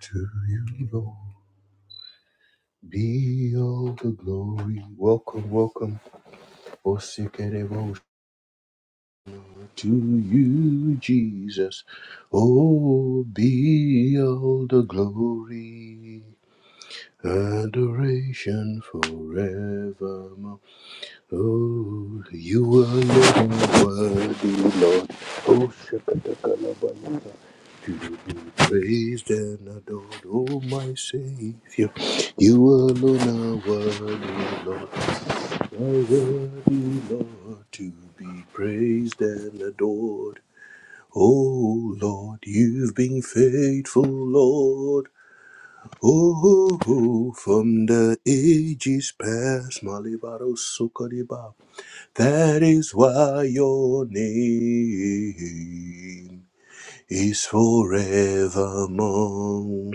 To you, Lord, be all the glory. Welcome, welcome, O sick and devotion. To you, Jesus, oh, be all the glory. Adoration forevermore. Oh, you alone are worthy, Lord. Oh, shakatakalavayata. You will be praised and adored, oh my Savior. You alone are worthy, Lord. Are worthy, Lord, to be praised and adored. Oh Lord, you've been faithful, Lord. Oh, from the ages past, Malibaro that is why your name is forevermore.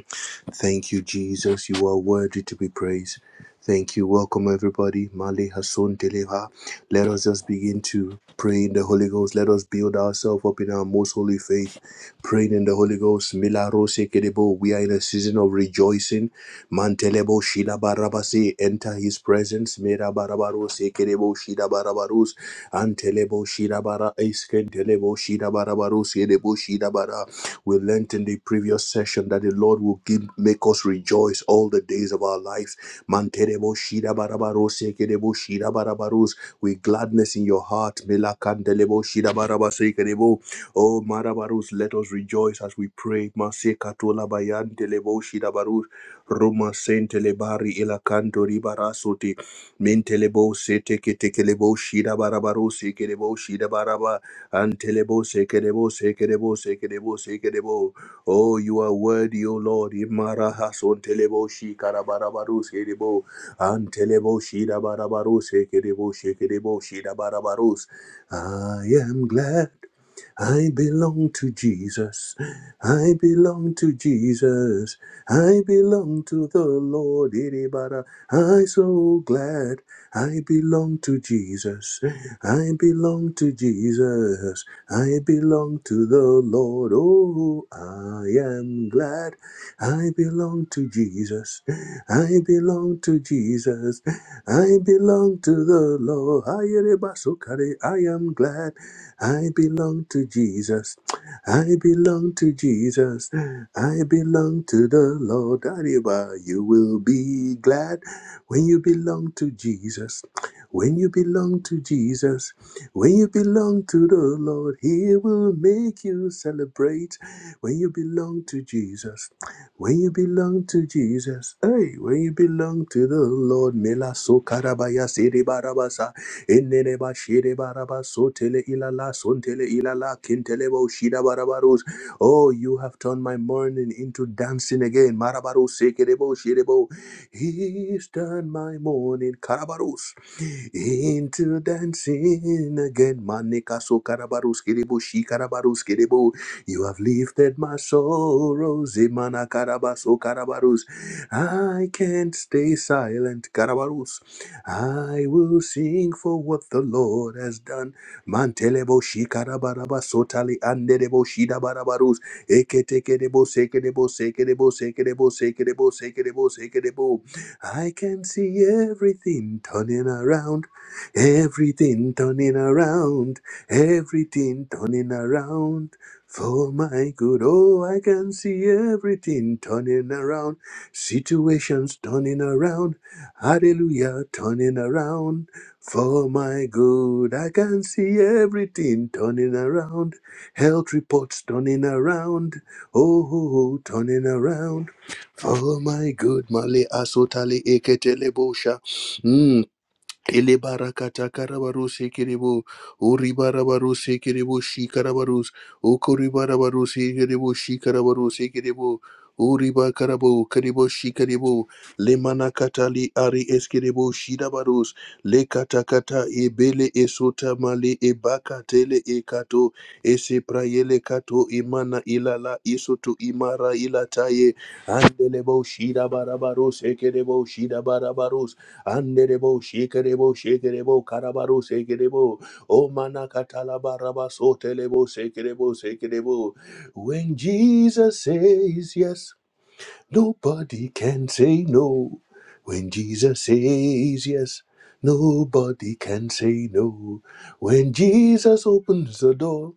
Thank you, Jesus. You are worthy to be praised. Thank you. Welcome, everybody. Mali Hasson Teleha. Let us just begin to pray in the Holy Ghost. Let us build ourselves up in our most holy faith. Praying in the Holy Ghost. Mila Rose Kedebo. We are in a season of rejoicing. Mantelebo Shida Barabasi. Enter his presence. Mira Barabarose Kedebo Shida Barabarus. Antelebo Shidabara Eskentelebo Shidabara Barusi Edebo Shidabara. We learnt in the previous session that the Lord will give, make us rejoice all the days of our lives. Mantelebo Shidabara Barusi Ekedebo Shidabara Barus. With gladness in your heart. Melakantelebo Shidabara Basi Ekedebo. Oh, Marabarus, let us rejoice as we pray. Masekatola Bayantelebo Shidabarus. Roma Sentelebari Elakanto Ribarasote. Mentelebo se teke tekelebo shida barabaro sekerebo shida baraba antelebo sekerebo sekerebo sekerebo sekerebo. Oh, you are worthy, O Lord. Imaraha son telebo shi karabarabaru sekerebo antelebo shida barabaro sekerebo sekerebo shida barabaros. I am glad. I belong to Jesus. I belong to Jesus. I belong to the Lord. Iribara. I'm so glad I belong to Jesus. I belong to Jesus. I belong to the Lord. Oh, I am glad I belong to Jesus. I belong to Jesus. I belong to the Lord. Ayereba sokare. I am glad. I belong to Jesus. I belong to Jesus. I belong to the Lord. Arriba, you will be glad when you belong to Jesus. When you belong to Jesus, when you belong to the Lord, He will make you celebrate. When you belong to Jesus, when you belong to Jesus, hey, when you belong to the Lord, Mela so karabaya Enere ba shere baraba sotele ilala sontele ilala kintele bo shida barabarus. Oh, you have turned my mourning into dancing again. Marabaru sekerebo shirebo. He's turned my mourning. Karabarus into dancing again. Manika so karabarus kerebo, she karabarus kerebo. You have lifted my sorrows. Imana karabaso karabarus. I can't stay silent, karabarus. I will sing for what the Lord has done. Mantelebo she karabarabaso tali anderebo shida barabarus. Ekete kerebo, sekerebo, sekerebo, sekerebo, sekerebo, sekerebo, sekerebo. I can see everything turning around, everything turning around, everything turning around for my good. Oh, I can see everything turning around, situations turning around, hallelujah, turning around for my good. I can see everything turning around, health reports turning around, oh, oh, oh turning around. Oh my good, Mali Asotali Eketelebosha. Mm. Elebara Elebarakata karabaruse kerebo, oribarabaruse kerebo shikarabarus, okoribarabaruse kerebo shikarabaruse kerebo, oriba karabo kerebo shikarebo, lemana katali ari eskerebo shidabarus, lekatakata ebele esota male ebaka tele ekato, eseprayele kato imana ilala isoto imara ilataye, andelebo shidabarabarus, ekerebo shidabarabarus, Anderebo, shakerebo, shakerebo, karabaro, shakerebo. O manakatalabaraba, sotelebo, shakerebo, shakerebo. When Jesus says yes, nobody can say no. When Jesus says yes, nobody can say no. When Jesus opens the door,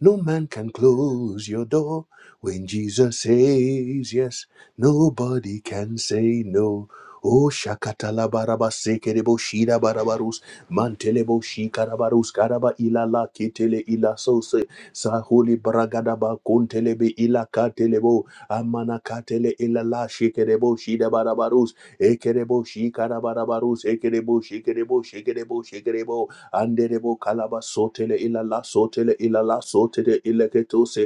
no man can close your door when Jesus says yes. Nobody can say no. Oh, shakatala baraba sekerebo shira barabarus mantelebo shikarabarus karaba ilala ketele ila sose sahuli baragadaba kontelebe ila katelebo amana katele ilala shikerebo shida barabarus ekerebo shikara barabarus ekerebo shikerebo shikerebo shikerebo anderebo kalaba sotele ilala sotele ilala sotele ileketose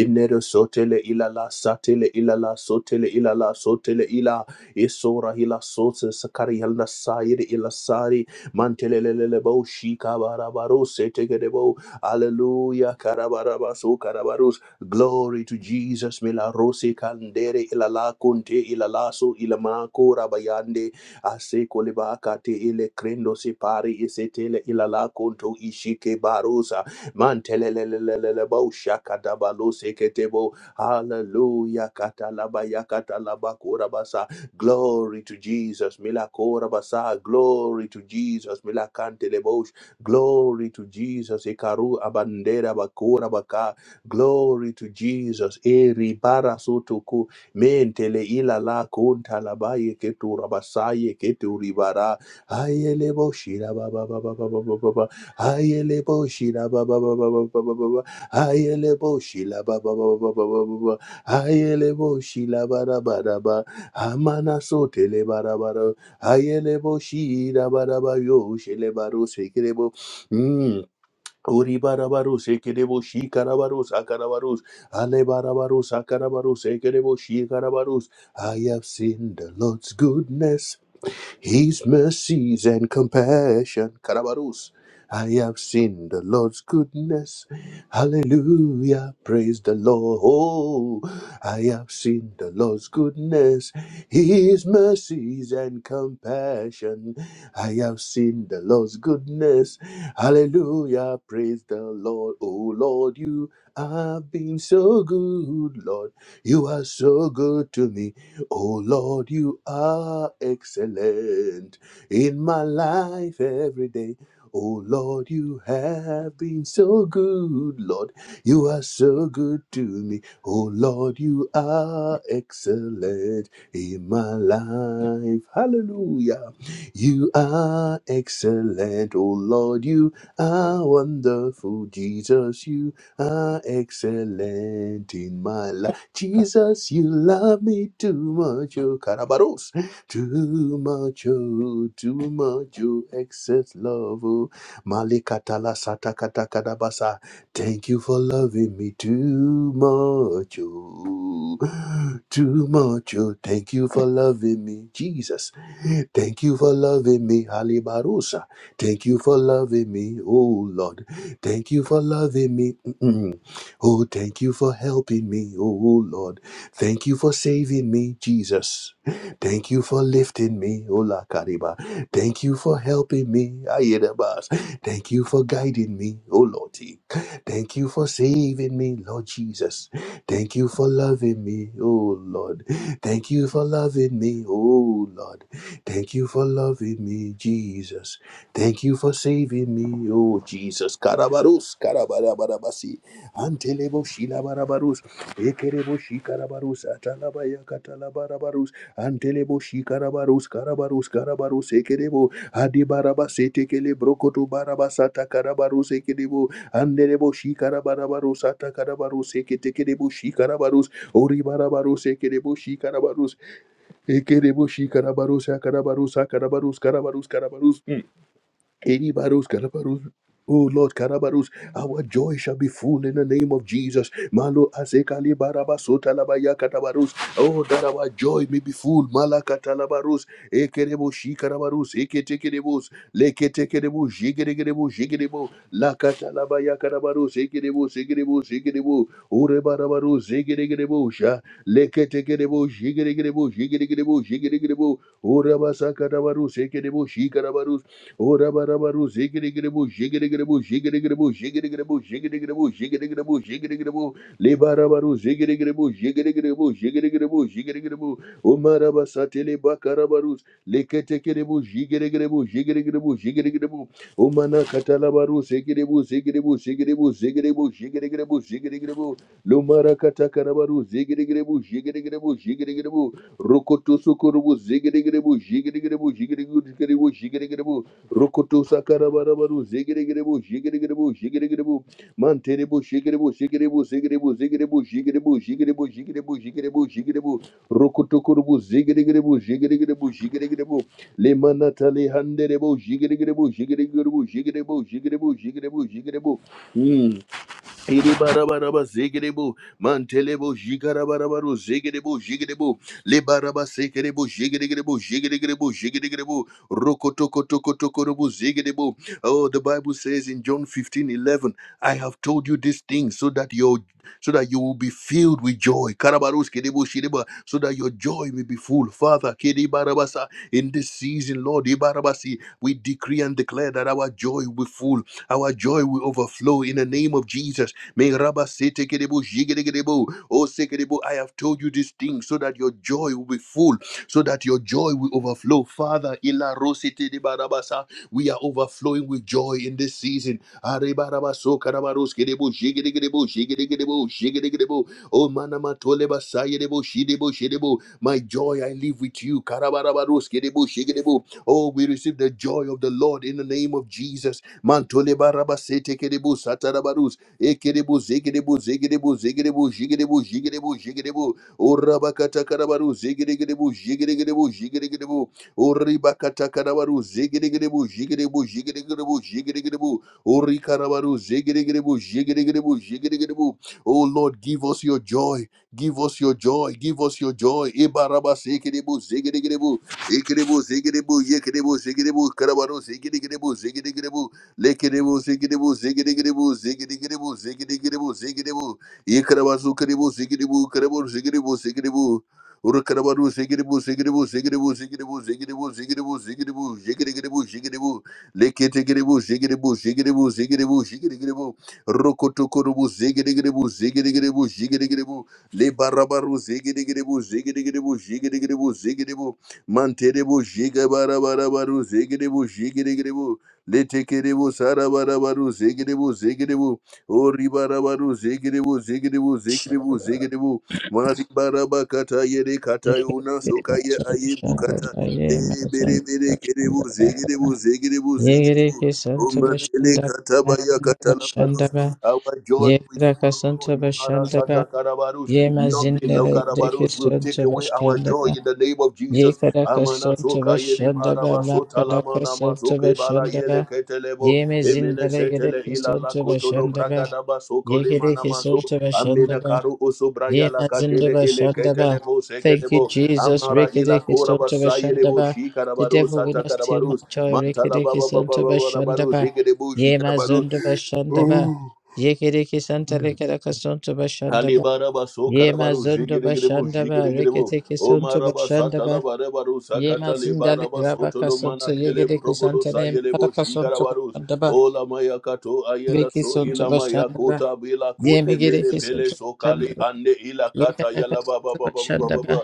inere sotele ilala satele ilala sotele ilala sotele ila isora hila sotse sakari halna saire ila sari mantelelelebo shikabarabaro setegedebo hallelujah karabarabaso karabaros glory to Jesus mila rose kandere ilala kunte ilalaso ilamako rabayande ase koleba kate ile krendo se pari isetele ilala konto ishike barosa mantelelelelele bo shaka dabalo seketebo hallelujah katalaba yakatalaba korabasa glory to Jesus milakorabasa glory to Jesus milakantelebo glory to Jesus ikaru abandera bakora baka glory to Jesus eribara soto mentele ilala kunta labaye ketura basaye keturi ribara ayele boshira ba ba ba ba ba ba ba ba ba ayele boshira ba ba ba ba ba ba ba ba ba ayele boshila ba ba ba ba ba ba ba ba ayele boshila ba bara ba ba amana sotele ba bara ba da ayele boshira ba da yo shele ba ro sekere Ori barabarus, ekerebo shi karabarus, akarabarus, ale barabarus, akarabarus, ekerebo shi karabarus. I have seen the Lord's goodness. His mercies and compassion. Karabarus. I have seen the Lord's goodness. Hallelujah. Praise the Lord. Oh, I have seen the Lord's goodness, His mercies and compassion. I have seen the Lord's goodness. Hallelujah. Praise the Lord. Oh, Lord, you have been so good, Lord. You are so good to me. Oh Lord, you are excellent in my life every day. Oh Lord, you have been so good, Lord. You are so good to me. Oh Lord, you are excellent in my life. Hallelujah. You are excellent. Oh Lord, you are wonderful. Jesus, you are excellent in my life. Jesus, you love me too much, oh, Karabaros. Too much, oh, too much, oh, excess love, oh. Malikatala satakata kadabasa. Thank you for loving me too much, oh. Too much, oh. Thank you for loving me, Jesus. Thank you for loving me, Halibarusa. Thank you for loving me, oh Lord. Thank you for loving me. Oh, thank you for helping me, oh Lord. Thank you for saving me, Jesus. Thank you for lifting me, Ola Kariba. Thank you for helping me, Ayedabas. Thank you for guiding me, O Lord. Thank you for saving me, Lord Jesus. Thank you for loving me, O Lord. Thank you for loving me, O Lord. Thank you for loving me, Jesus. Thank you for saving me, O Jesus. Karabarus, karabarabasi. Antelebo Shilabarabarus, Ekerebo Shikarabarus, Atalabaya Katalabarabarus, Antelebo Shikarabarus, Karabarus, Karabarus, Ekerebo, Adibarabas, Etekele Brokoto Barabasata Karabarus, Ekerebo, Andelebo Shikarabarabarus, Atakarabarus, Eketekerebo Shikarabarus, Oribarabarus, Ekerebo Shikarabarus, Ekerebo Shikarabarus, Akarabarus, Akarabarus, Karabarus, Karabarus. hmm. Kiribarus, karabarus. Oh Lord, Karabarus, our joy shall be full in the name of Jesus. Malo azekali barabasota labaya katabarus. Oh, that our joy may be full. Malakatalabarus, ekerebo shikarabarus, eketekerebus, leketekerebu, jigeregerebu, jigerebo, lakatalabaya karabarus, ekerebo, segerebo, segerebo, urebarabarus, zegeregerebo, sha, leketekerebo, jigeregerebo, jigeregerebo, jigeregerebo, urabasakarabarus, ekerebo, shikarabarus, Ora barabaru Orabarabaru zigirigibu jigirigibu jigirigibu jigirigibu jigirigibu jigirigibu jigirigibu Libarabaru zigirigibu jigirigibu jigirigibu jigirigibu Umarabasatele bakarabarus leketekiribu jigirigibu jigirigibu jigirigibu Umana katalabaru zigiribu zigiribu zigiribu zigiribu jigirigibu jigirigibu Lumara katakarabaru zigirigibu jigirigibu jigirigibu Rukutusukurubu zigirigibu jigirigibu jigirigibu jigirigibu Rukutu sakarabarabaru zigiribu zigiribu zigiribu manteribu zigiribu zigiribu zigiribu zigiribu zigiribu zigiribu zigiribu zigiribu zigiribu rukutu kurubu zigiribu zigiribu zigiribu limanata lihanderibu zigiribu zigiribu zigiribu zigiribu zigiribu zigiribu Iribarabaraba zigidibu, mantelebu jigarabarabaru zigidibu jigidibu, libaraba sikidibu jigidigidibu jigidigidibu jigidigidibu, rokotokotokotokorubu zigidibu. Oh, the Bible says in John fifteen eleven, I have told you these things so that your so that you will be filled with joy. Karabarus kidibu shidiba, so that your joy may be full. Father, kidibarabasa, in this season, Lord, ibarabasi, we decree and declare that our joy will be full, our joy will overflow in the name of Jesus. May Rabba say, take it able, jig it, it able. Oh, say, take it able, I have told you this thing so that your joy will be full, so that your joy will overflow. Father, Ila Rositi de Barabasa, we are overflowing with joy in this season. Are Baraba so Karabaros, get able, jig it, take it able, jig it, take Oh, Manama Toleba, say it able, she able, she able. My joy I live with you. Karabarabaros, get able, jig it able. Oh, we receive the joy of the Lord in the name of Jesus. Mantole barabase tekerebo satarabarus. Ekerebu zekerebu zekerebu zekerebu jigerebu jigerebu jigerebu. Orabakata karabaru zekerebu jigerebu jigerebu. Oribakata karabaru zekerebu jigerebu jigerebu jigerebu. Orikarabaru zekerebu jigerebu jigerebu. Oh Lord, give us your joy. Give us your joy. Give us your joy. Ibaraba zekerebu zekerebu. Ekerebu zekerebu yekerebu zekerebu karabaru zekerebu zekerebu. Lickety-boo, zickety-boo, zickety-gittyboo, zickety-gittyboo, zickety-gittyboo, zickety-boo. Yikidabazoo-kiddy-boo, zickety-boo, kiddy-boo, zickety-boo, zickety-boo. Urukadabadoo, zickety-boo, zickety-boo, zickety-boo, zickety-boo, zickety-boo, zickety-boo, zickety-boo, zickety-gittyboo, zickety-boo. Lickety-gittyboo, zickety-boo, zickety-boo, zickety-boo, zickety-gittyboo. Rukutukuruboo, zickety-gittyboo, zickety-gittyboo, zickety-gittyboo. Libarabaroo, zickety-gittyboo, zickety-gittyboo, zickety-gittyboo, zickety-boo. Manterebo, jigabarabarabaro, zegerebo, jigeregerebo. Letekeribu sarabarabaru zigiribu zigiribu oribarabaru zigiribu zigiribu zigiribu zigiribu maribarabakata yere kata una sokaya ayibu Santa Baye, my son, bere bere Bashanda keribu Bakaba. zigiribu zigiribu zi- Yegereke Santa omantele Bashanda katabaya Bashanda kata Bashandaba. our joy Yegeraka Santa Bashandaba. karabaru Yema Zindere karabaru Deke Santa we our joy Bashandaba. in the name of Jesus Yekaraka Na Santa sokaya ribu Bashandaba. Makaraka Santa bala Bashandaba. yetelebo Yeme Zindere Deke ilala Santa kotolo Bashandaba. braba soko Yegereke Santa ame Bashandaba. karu oso braya Yema zinduba shandaba. lebo seke Thank you, Jesus. Rekedeke Kora ba- sontuba ayere bo shandaba. shi The devil will not steal my Sakarabarus, joy. Rekedeke sontuba Ababababa, shandaba. Rigadebushi, Yema zunduba shandaba. Yekedeke santa lekedaka sontuba shandaba. Halibarabasoka, Yema zunduba shandaba. Rigadebu, Rekedeke O sontuba shandaba. Marabarebarus, Yema zindale rabaka Akotoloma, sontu. Yekedeke santa lema Ayelebo, kadaka sontuba Shigarabarus, shandaba. Ola Lamayakato, Ayela, Reki sontuba Ilamaya shandaba. Kota, Bila, Yema gedeke Pele, sontuba Soka, shandaba. Ande, Ila, Yekadaka sontuba Kalabababa, shandaba.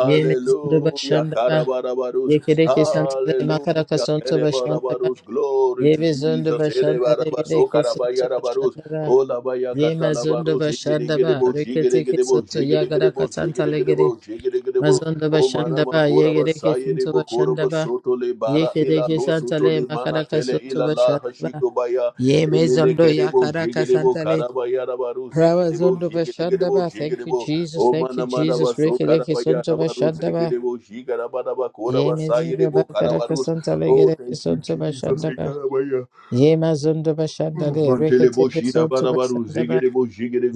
Ye mezundo bashanda ba. Karabarabarus, Ye kereke santale Hallelujah, makara kasonto Barabarus, bashanda ba. Glory Ye bezundo bashanda to le kereke santo Selebarabayarabarus, bashanda ba. O Labayaka, Ye mazundo bashanda ba. Rigadebu, Rekete ke Shigadebu, santo ya gara Rigadebu, kasantale gere. Shigadebu, Mazundo bashanda ba. Ye kereke santo Ayelebo, bashanda Korobo, ba. Soto, Le, Ye kereke santale makara kasonto ilala bashanda ba. hashikobaya Ye mezundo ya debo kara debo kasantale. karabaya rabaru Rawa zundo bashanda debo ba. Thank you, debo Jesus. o ma Thank you, Jesus. Rekete ke santo bashanda ba. debo shikarabara kora Ye basaye mezinda debo bakara kasanta o legere kesonto bashanda ba. karabaya Ye mazondo bashanda le telebo rekete kesonto rabaru bashanda ba. debo debo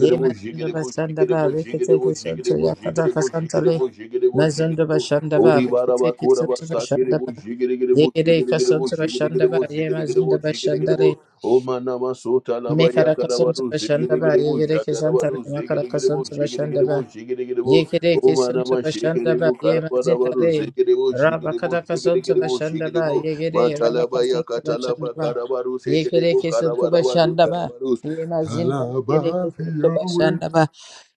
Ye mazondo bashanda ba debo rekete debo kesonto yakada kasanta le. debo Mazondo bashanda ba ori rekete baraba kora kesonto basake bashanda debo ba. debo Yegere kasonto bashanda ba debo ye mazinda debo bashanda le. o manama sota laba Mekara karabara kasonto bashanda ba yegere kesanta le makara kasonto bashanda ba. debo o Yekereke sonto manama bashanda ba ye mazinda shikarabaru le debo raba kataka sonto debo bashanda ba yegere raba talabaya kasonto bashanda ba katarabaru yekereke sonto bashanda ba ye mazinda le yekereke sonto Alabafio. bashanda ba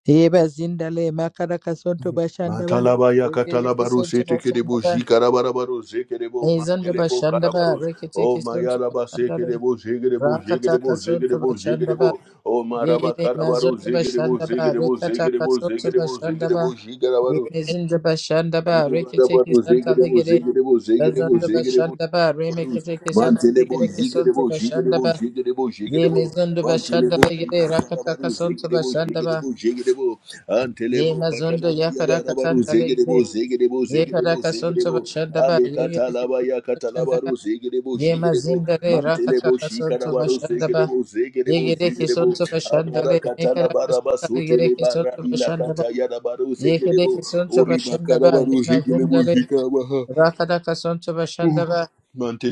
ye mazinda le makara kasonto bashanda ba Talabaya yekereke katalabaru sonto sete bashanda kedebo ba jikarabarabaru zekedebo mezonto bashanda ba o reketeke sonto mayalaba bashanda le sekedebo jekedebo jekedebo rakataka sonto zekedebo bashanda o maraba Yere karabaru mazoto bashanda ba rekata zekedebo kasoto zekedebo bashanda ba jikarabaru remezinda bashanda ba rekete karabaru kisanta zekedebo legere zekedebo bazanda zekedebo bashanda ba remekete kisanta mantelebo legere kisonto jikedebo bashanda jikedebo ba jikedebo yemezondo bashanda jikedebo legere rakata kasonto bashanda ba jikedebo antelebo yemazondo yakara kasanta zekedebo zekedebo Ye zekedebo karaka sonto bashanda ba ale ye gereke katalabaya bashanda ba katalabaru zekedebo ye mazinda le rakata jikedebo kasonto shikarabaru bashanda ba ye zekedebo gereke sonto bashanda le ye Marakatana karaka sonto barabasu le gereke bara sonto ila bashanda ba kata yada baru ye sekelebo gereke sonto bashanda makara ba ye baru mazinda sekelebo le jikara baha rakata kasonto bashanda ba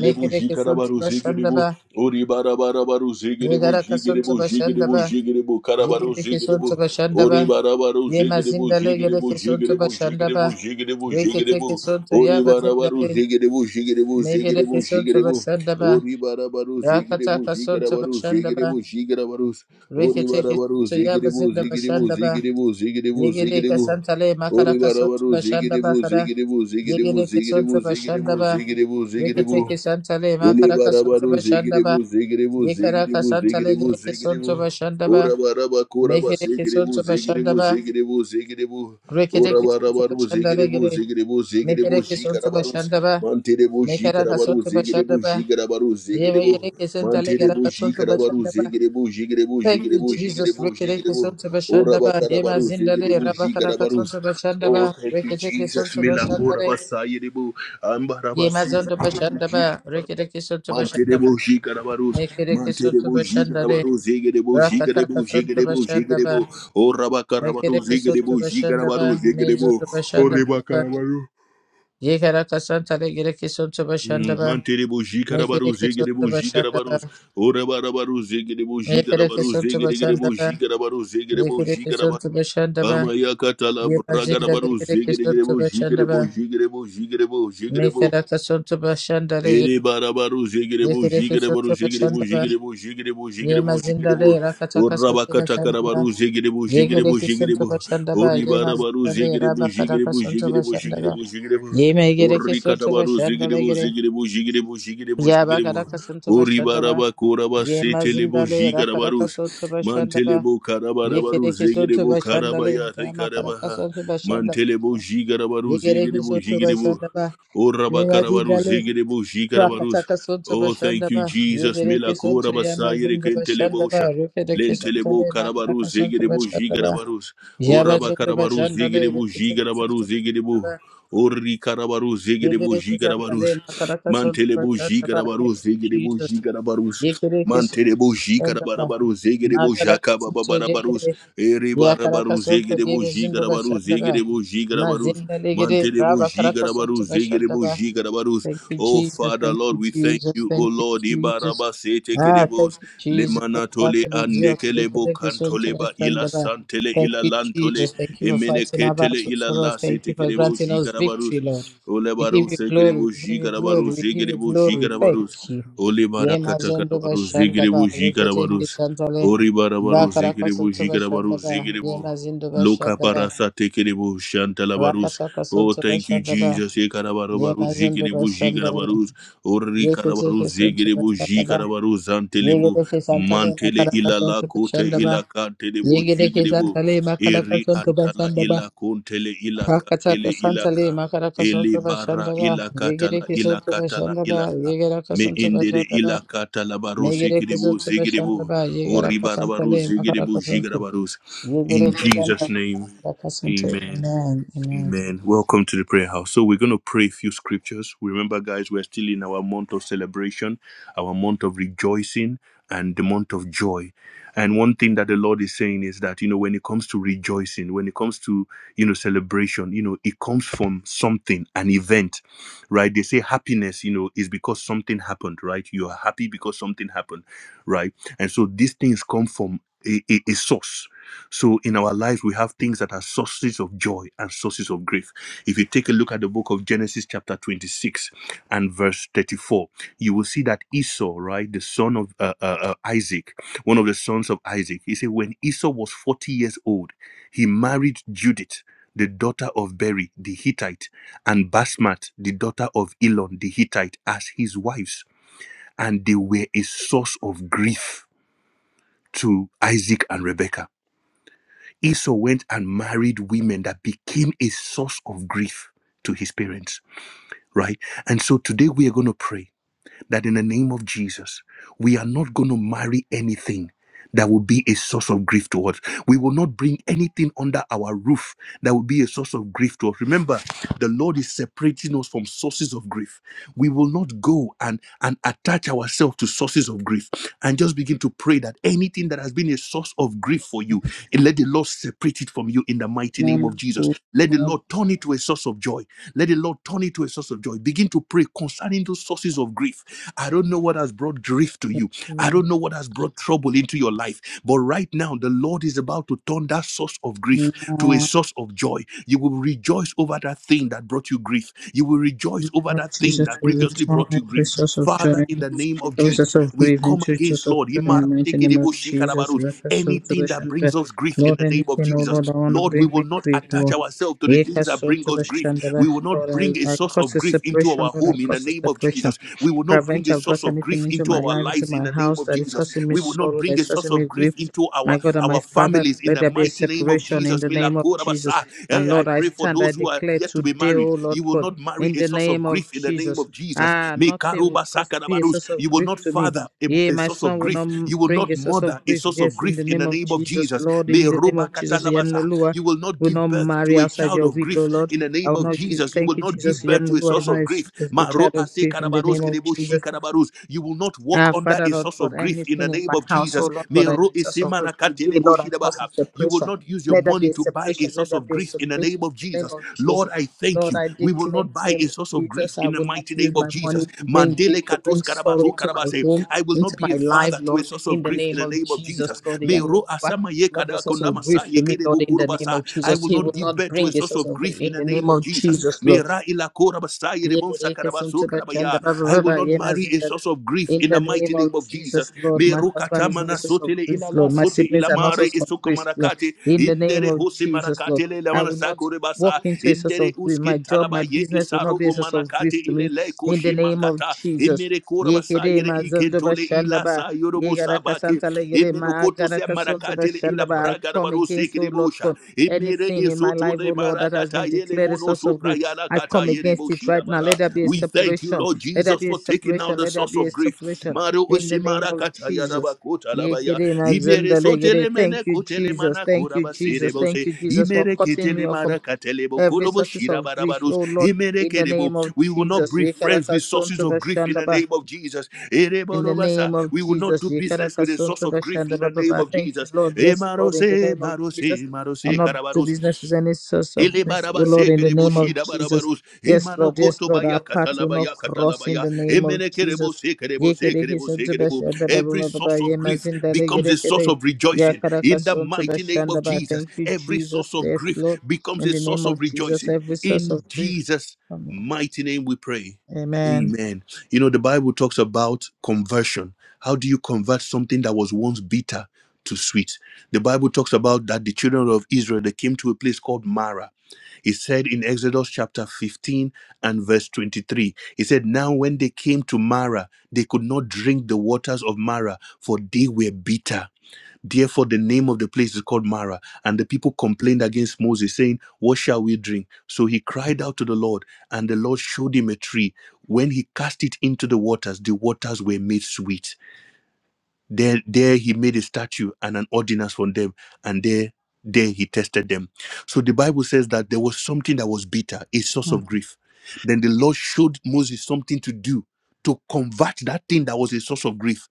ye gereke jikara sonto baru se bashanda ba ori bara bara baru ye sekelebo garaka sonto jikelebo bashanda ba jikelebo kara ye baru se gereke sonto bashanda ba ori bara baru ye mazinda le gereke sonto sekelebo bashanda ba jikelebo je Rekete ke sonto ori ya bara mazinda baru sekelebo jikelebo se Mekere keson to jikelebo bashanda ori bara baru Rakata kason sekara to baru se bashanda ba. jikara baru se ori Rekete bara keson baru to yaba sekelebo zinda jikelebo bashanda ba. jikelebo jikelebo Yegere jikelebo keson makara ori bara kason to baru bashanda ba kara. Yegere Ziggy keson to bashanda ba. Ziggity boo, ziggity. Rekete keson Ili makara bara kason to baru, ziggity bashanda ba. boo, ziggity boo, Yekara ziggity kasantale tale boo, gere zig- keson to bashanda Ora ba. bara ba, ba, Mekere ziggity keson boo, to bashanda ba. ziggity boo, ziggity boo. Rekete Ora bara keson to baru, bashanda ziggity le boo, gere. ziggity boo, ziggity boo. Mekere keson to bashanda Mantiri boo, Mekara jikara kason baru, to ziggity boo, bashanda jikara baru, ziggity. Yegere keson tale Mantiri boo, kason to jikara bashanda ziggity boo, jiggity boo, Thank jiggity you, boo, jiggity Jesus. boo. Rekereke sonto Ora bashanda ba- ba yema zindale rabakaraka sonto bashanda Oh, ba rekereke sonto Bismillah, bashanda kora le ba, sayiri boo. Ambara ba, yema zondo bashanda ba rekereke sonto mantiri bashanda ba boo, jikara baru, mekereke mantiri sonto boo, jiggity bashanda le boo, ziggity boo, jiggity rakataka boo, sonto jiggity bashanda ba rekereke sonto Zigerebo bashanda ba jigarabaru zigerebo mezondo bashanda oreba ba karabaru yekaraka santa le gereke sonto bashanda ba anterebo jigaraba mekereke sonto bashanda ba orabarabaru zigerebo mekereke sonto jigerebo bashanda ba jigarabaru zigerebo rekereke jigaraba sonto bashanda ba maya katala Yemazindale baru gereke sotu zigerebo jigerebo başandaba. jigerebo jigerebo jigerebo Meferaka sotu başandale ere barabaru zigerebo yegereke jigerebo sotu jigerebo başandaba. jigerebo jigerebo jigerebo Yemazindale rakataka sotu orabakata başandaba. karabaru zigerebo jigerebo Yegereke jigerebo sotu başandaba. karabaru Yemazindale rabakataka zigerebo sotu jigerebo başandaba. jigerebo Yeme gereke sotu katabaru başandale zigerebo gere. zigerebo jigerebo jigerebo Yabakaraka sotu başandaba. oribaraba koraba setelebo Yemazindale Garabarus, rakaraka sotu başandaba. Mantelebo karabarabaru Yekereke zegere sotu başandale ramakaraka sotu başandaba. Mantelebo jigarabaruzi. Yegereke sotu başandaba. O rabaka jigerebo jigaraba. Rakataka Sunto Oh, thank Bashandaba, Jesus. Yugereke Sunto Akora Yama basayere Zindo kentelebo. Bashandaba, Rukedeke Lentelebo Santale, karabaru Makaraka Sunto zegerebo. Bashandaba, Yaba Zindo Bashandale, Lebo Rukedeke jigarabaru Sunto zegerebo. Bashandaba, Orri karabaru zegerebo Yugereke jigarabarus. Santale, Makaraka Sunto Mantelebo Bashandaba, thank jigarabaru you, zegerebo Jesus. jigarabarus. Yugereke Sunto Mantelebo Bashandaba, jigarabaru zegerebo Makaraka Sunto jakababara. Yegere, Ereba Yakaraka Sunto zegerebo Yebe Zindo jibaru Bashandaba, zegerebo Mazinda Legere, Rabakaraka Sunto Garabarus, Bashandaba, Zegerebus, Garabarus. Thank you, Oh Jesus. Father, Thank Lord, you, we thank Jesus. you, oh Thank you, Lord, Jesus. Ibarabasete, Ah, thank you, Jesus. For Lemanatole, battle is and yours. Nekelebo, Recollect this one to Cantoleba, my friend. Abba. Tele Thank you, Ilalanto, Jesus. Thank you for Emenekele fighting our battles for Ilalan, us. Thank you for granting us victory, Lord. We Olebarus, give you glory. We give you glory. Garabarus, We give you Zegerebus, glory. Thank you. Olibara, Ye mazondo bashanda ba Yemazondo Zegerebus, Bashandaba, Garabarus. Reketeke Santale, Oribarabaru Bakaraka Zegerebu Santo Jigarabaru Bashandaba, Zegerebu Yemazindo Loka Bashandaba, Parasa Tekerebu Shantalabaru. Rakataka Oh, Santo thank you, Bashandaba, Jesus. Ekarabaru Yemazondo Rebu Bashandare, Jigarabarus Ye Orika kese keson to Zegerebu bashanda ba. Jigarabaru Ye Zantelebu gede kesan tale Mantele makara kason Ilala to Kote. bashanda ba. kantedebu Ye gede kesan tale makara ira kason to bashanda ba. kuntele ila Hakata kesan tale makara kason to eliba bashanda ba. Ye gede keson to bashanda ba. Ye gede me kason to indere bashanda ba. ila Me katalabarus gede keson to debu bashanda ba. Ye gede kasan ribarabarus tale makara kason to. zigidibarus Ye in gede kesan Jesus tale name to. amen Amen. Amen. Welcome to the prayer house. So we're going to pray a few scriptures. Remember, guys, we're still in our month of celebration, our month of rejoicing, and the month of joy. And one thing that the Lord is saying is that, you know, when it comes to rejoicing, when it comes to, you know, celebration, you know, it comes from something, an event, right? They say happiness, you know, is because something happened, right? You are happy because something happened, right? And so these things come from a, a a source so in our lives, we have things that are sources of joy and sources of grief. If you take a look at the book of Genesis, chapter 26 and verse 34, you will see that Esau, right, the son of uh, uh, uh, Isaac, one of the sons of Isaac, he said, when Esau was 40 years old, he married Judith. The daughter of Beri, the Hittite, and Basmat, the daughter of Elon, the Hittite, as his wives. And they were a source of grief to Isaac and Rebekah Esau went and married women that became a source of grief to his parents, right? And so today we are going to pray that in the name of Jesus, we are not going to marry anything that will be a source of grief to us. We will not bring anything under our roof that will be a source of grief to us. Remember, the Lord is separating us from sources of grief. We will not go and, and attach ourselves to sources of grief and just begin to pray that anything that has been a source of grief for you, let the Lord separate it from you in the mighty of Amen. Jesus. Let the Amen. Lord turn it to a source of joy. Let the Lord turn it to a source of joy. Begin to pray concerning those sources of grief. I don't know what has brought grief to you. I don't know what has brought trouble into your life. But right now, the Lord is about to turn that source of grief to Amen. a source of joy. You will rejoice over that thing that brought you grief. You will rejoice over Lord that thing. Jesus, we will turn every source of Father, joy, in the name of every source of grief into source of joy in the mighty name of Jesus. Jesus, any Repasoltubation, grief Lord, anything, oh Lord, I want to bring me grief, Lord. ourselves to this grief, Yekasoltubation, we will not Lord, I, I cause a separation, our Lord, I home in the cause a name of. separation. We will not Prevent I've brought anything into my life, into lives. my house that is causing me We will not bring sorrow, that is causing me grief. into our. My God and my Father, let there be a separation in the name of Jesus. And Lord, I stand, I who are declare today, oh Lord God married in the name of in the name Jesus. of Jesus. Ah, May nothing will Karuba cause, be a Sakarabarus, source of you will grief not to me. Yea, my son will not m- you will bring not a source murder of grief. Yes, in the name in the of name of Jesus. Jesus, Lord, May in the ro- name of Jesus, Yanolua you will not give will not marry outside your will, oh Lord. in the I name will of not give. Thank you, Jesus. Yanolua is not a, s- is a Maro child of grief in the name of Jesus. Akarabarus. You will not walk Ah, Father, Lord out God, of grief in anything the in name my of household, Lord Jesus. May God, ro- I is- Jesus of God, Imanakatidaba. today, Lord, I not cause a separation. use your Let mouth there be a separation. Let there be a in the name separation of in the name Jesus. of Lord, Jesus. I thank you Lord, I declare in the by name a of source of Jesus, I will not mighty name use of my money to Man. bring grief, to bring Karabas. sorrow into my home, I will not into my life, Lord, source in the name in the of name of Jesus, Jesus. Lord, the May young man ro asama ye will Not be a source of grief to me, Lord, in the name of Jesus. He will not bring the source of grief in the name of Jesus, Lord. ila korabasa Ye bereke suntu bashanda baba baba ye a nazingale. source of grief. In the name of in Jesus, Lord, Jesus. my husband is not a source of Sotele grief, ila Lord. My siblings are not a source of grief, Lord. In the name of Jesus, Lord, simtele la I will not sakore basa walk into a source of grief. My job, my business will not be a source of grief to me. le kota In the name of Jesus. le kora ye kere ma zondo Yekere mazondoba shandaba. basa yoro mosa Yegaraka santa legere maagaraka sonsoba ba. I gara ba come against, oh Lord God, imere anything in my life, oh Lord, that has been yele declared a source of grief. ayala I ka come against it right now. Let there be a thank you separation. Let Jesus there be a separation. Let there be a of grief separation. maro In osita the name of yara ba Jesus. kota Yekere na zendelegere. Thank you, Jesus. Thank you, Jesus. Thank you, Jesus, for cutting me off from katele bo every sources kora ba of grief, oh Lord, in ke the name of we will not Jesus. be friends Yekaraka sonto bashandaba. of Jesus ere In the name of we will not Jesus, be the name Yekarakasontobashandababa. of thank you, Jesus Lord. E Yes, maro Lord, in the se name of maro Jesus. se maro I'm se not to karabaros business with any source of ele grief. Oh, barabas Lord, in the name of Jesus. Yes, Lord, yes, Lord. Our path will not cross in the name of ele kerebo Jesus. se kerebo Yekerekisontobashandabababa. Yemazindale yerekere. rejoicing Yakarakasonsobashandaba. Thank you, Jesus. Yes, Lord. becomes In in the name of Jesus, every source of grief. Jesus Amen. mighty name we pray Amen. Amen. You know, the Bible talks about conversion. How do you convert something that was once bitter to sweet? The Bible talks about that the children of Israel they came to a place called Mara. It said in Exodus chapter 15 and verse 23. It said, Now when they came to Mara, they could not drink the waters of Mara, for they were bitter. Therefore, the name of the place is called Mara. And the people complained against Moses, saying, What shall we drink? So he cried out to the Lord, and the Lord showed him a tree. When he cast it into the waters, the waters were made sweet. There, there he made a statue and an ordinance from them, and there, there he tested them. So the Bible says that there was something that was bitter, a source of grief. Then the Lord showed Moses something to do to convert that thing that was a source of grief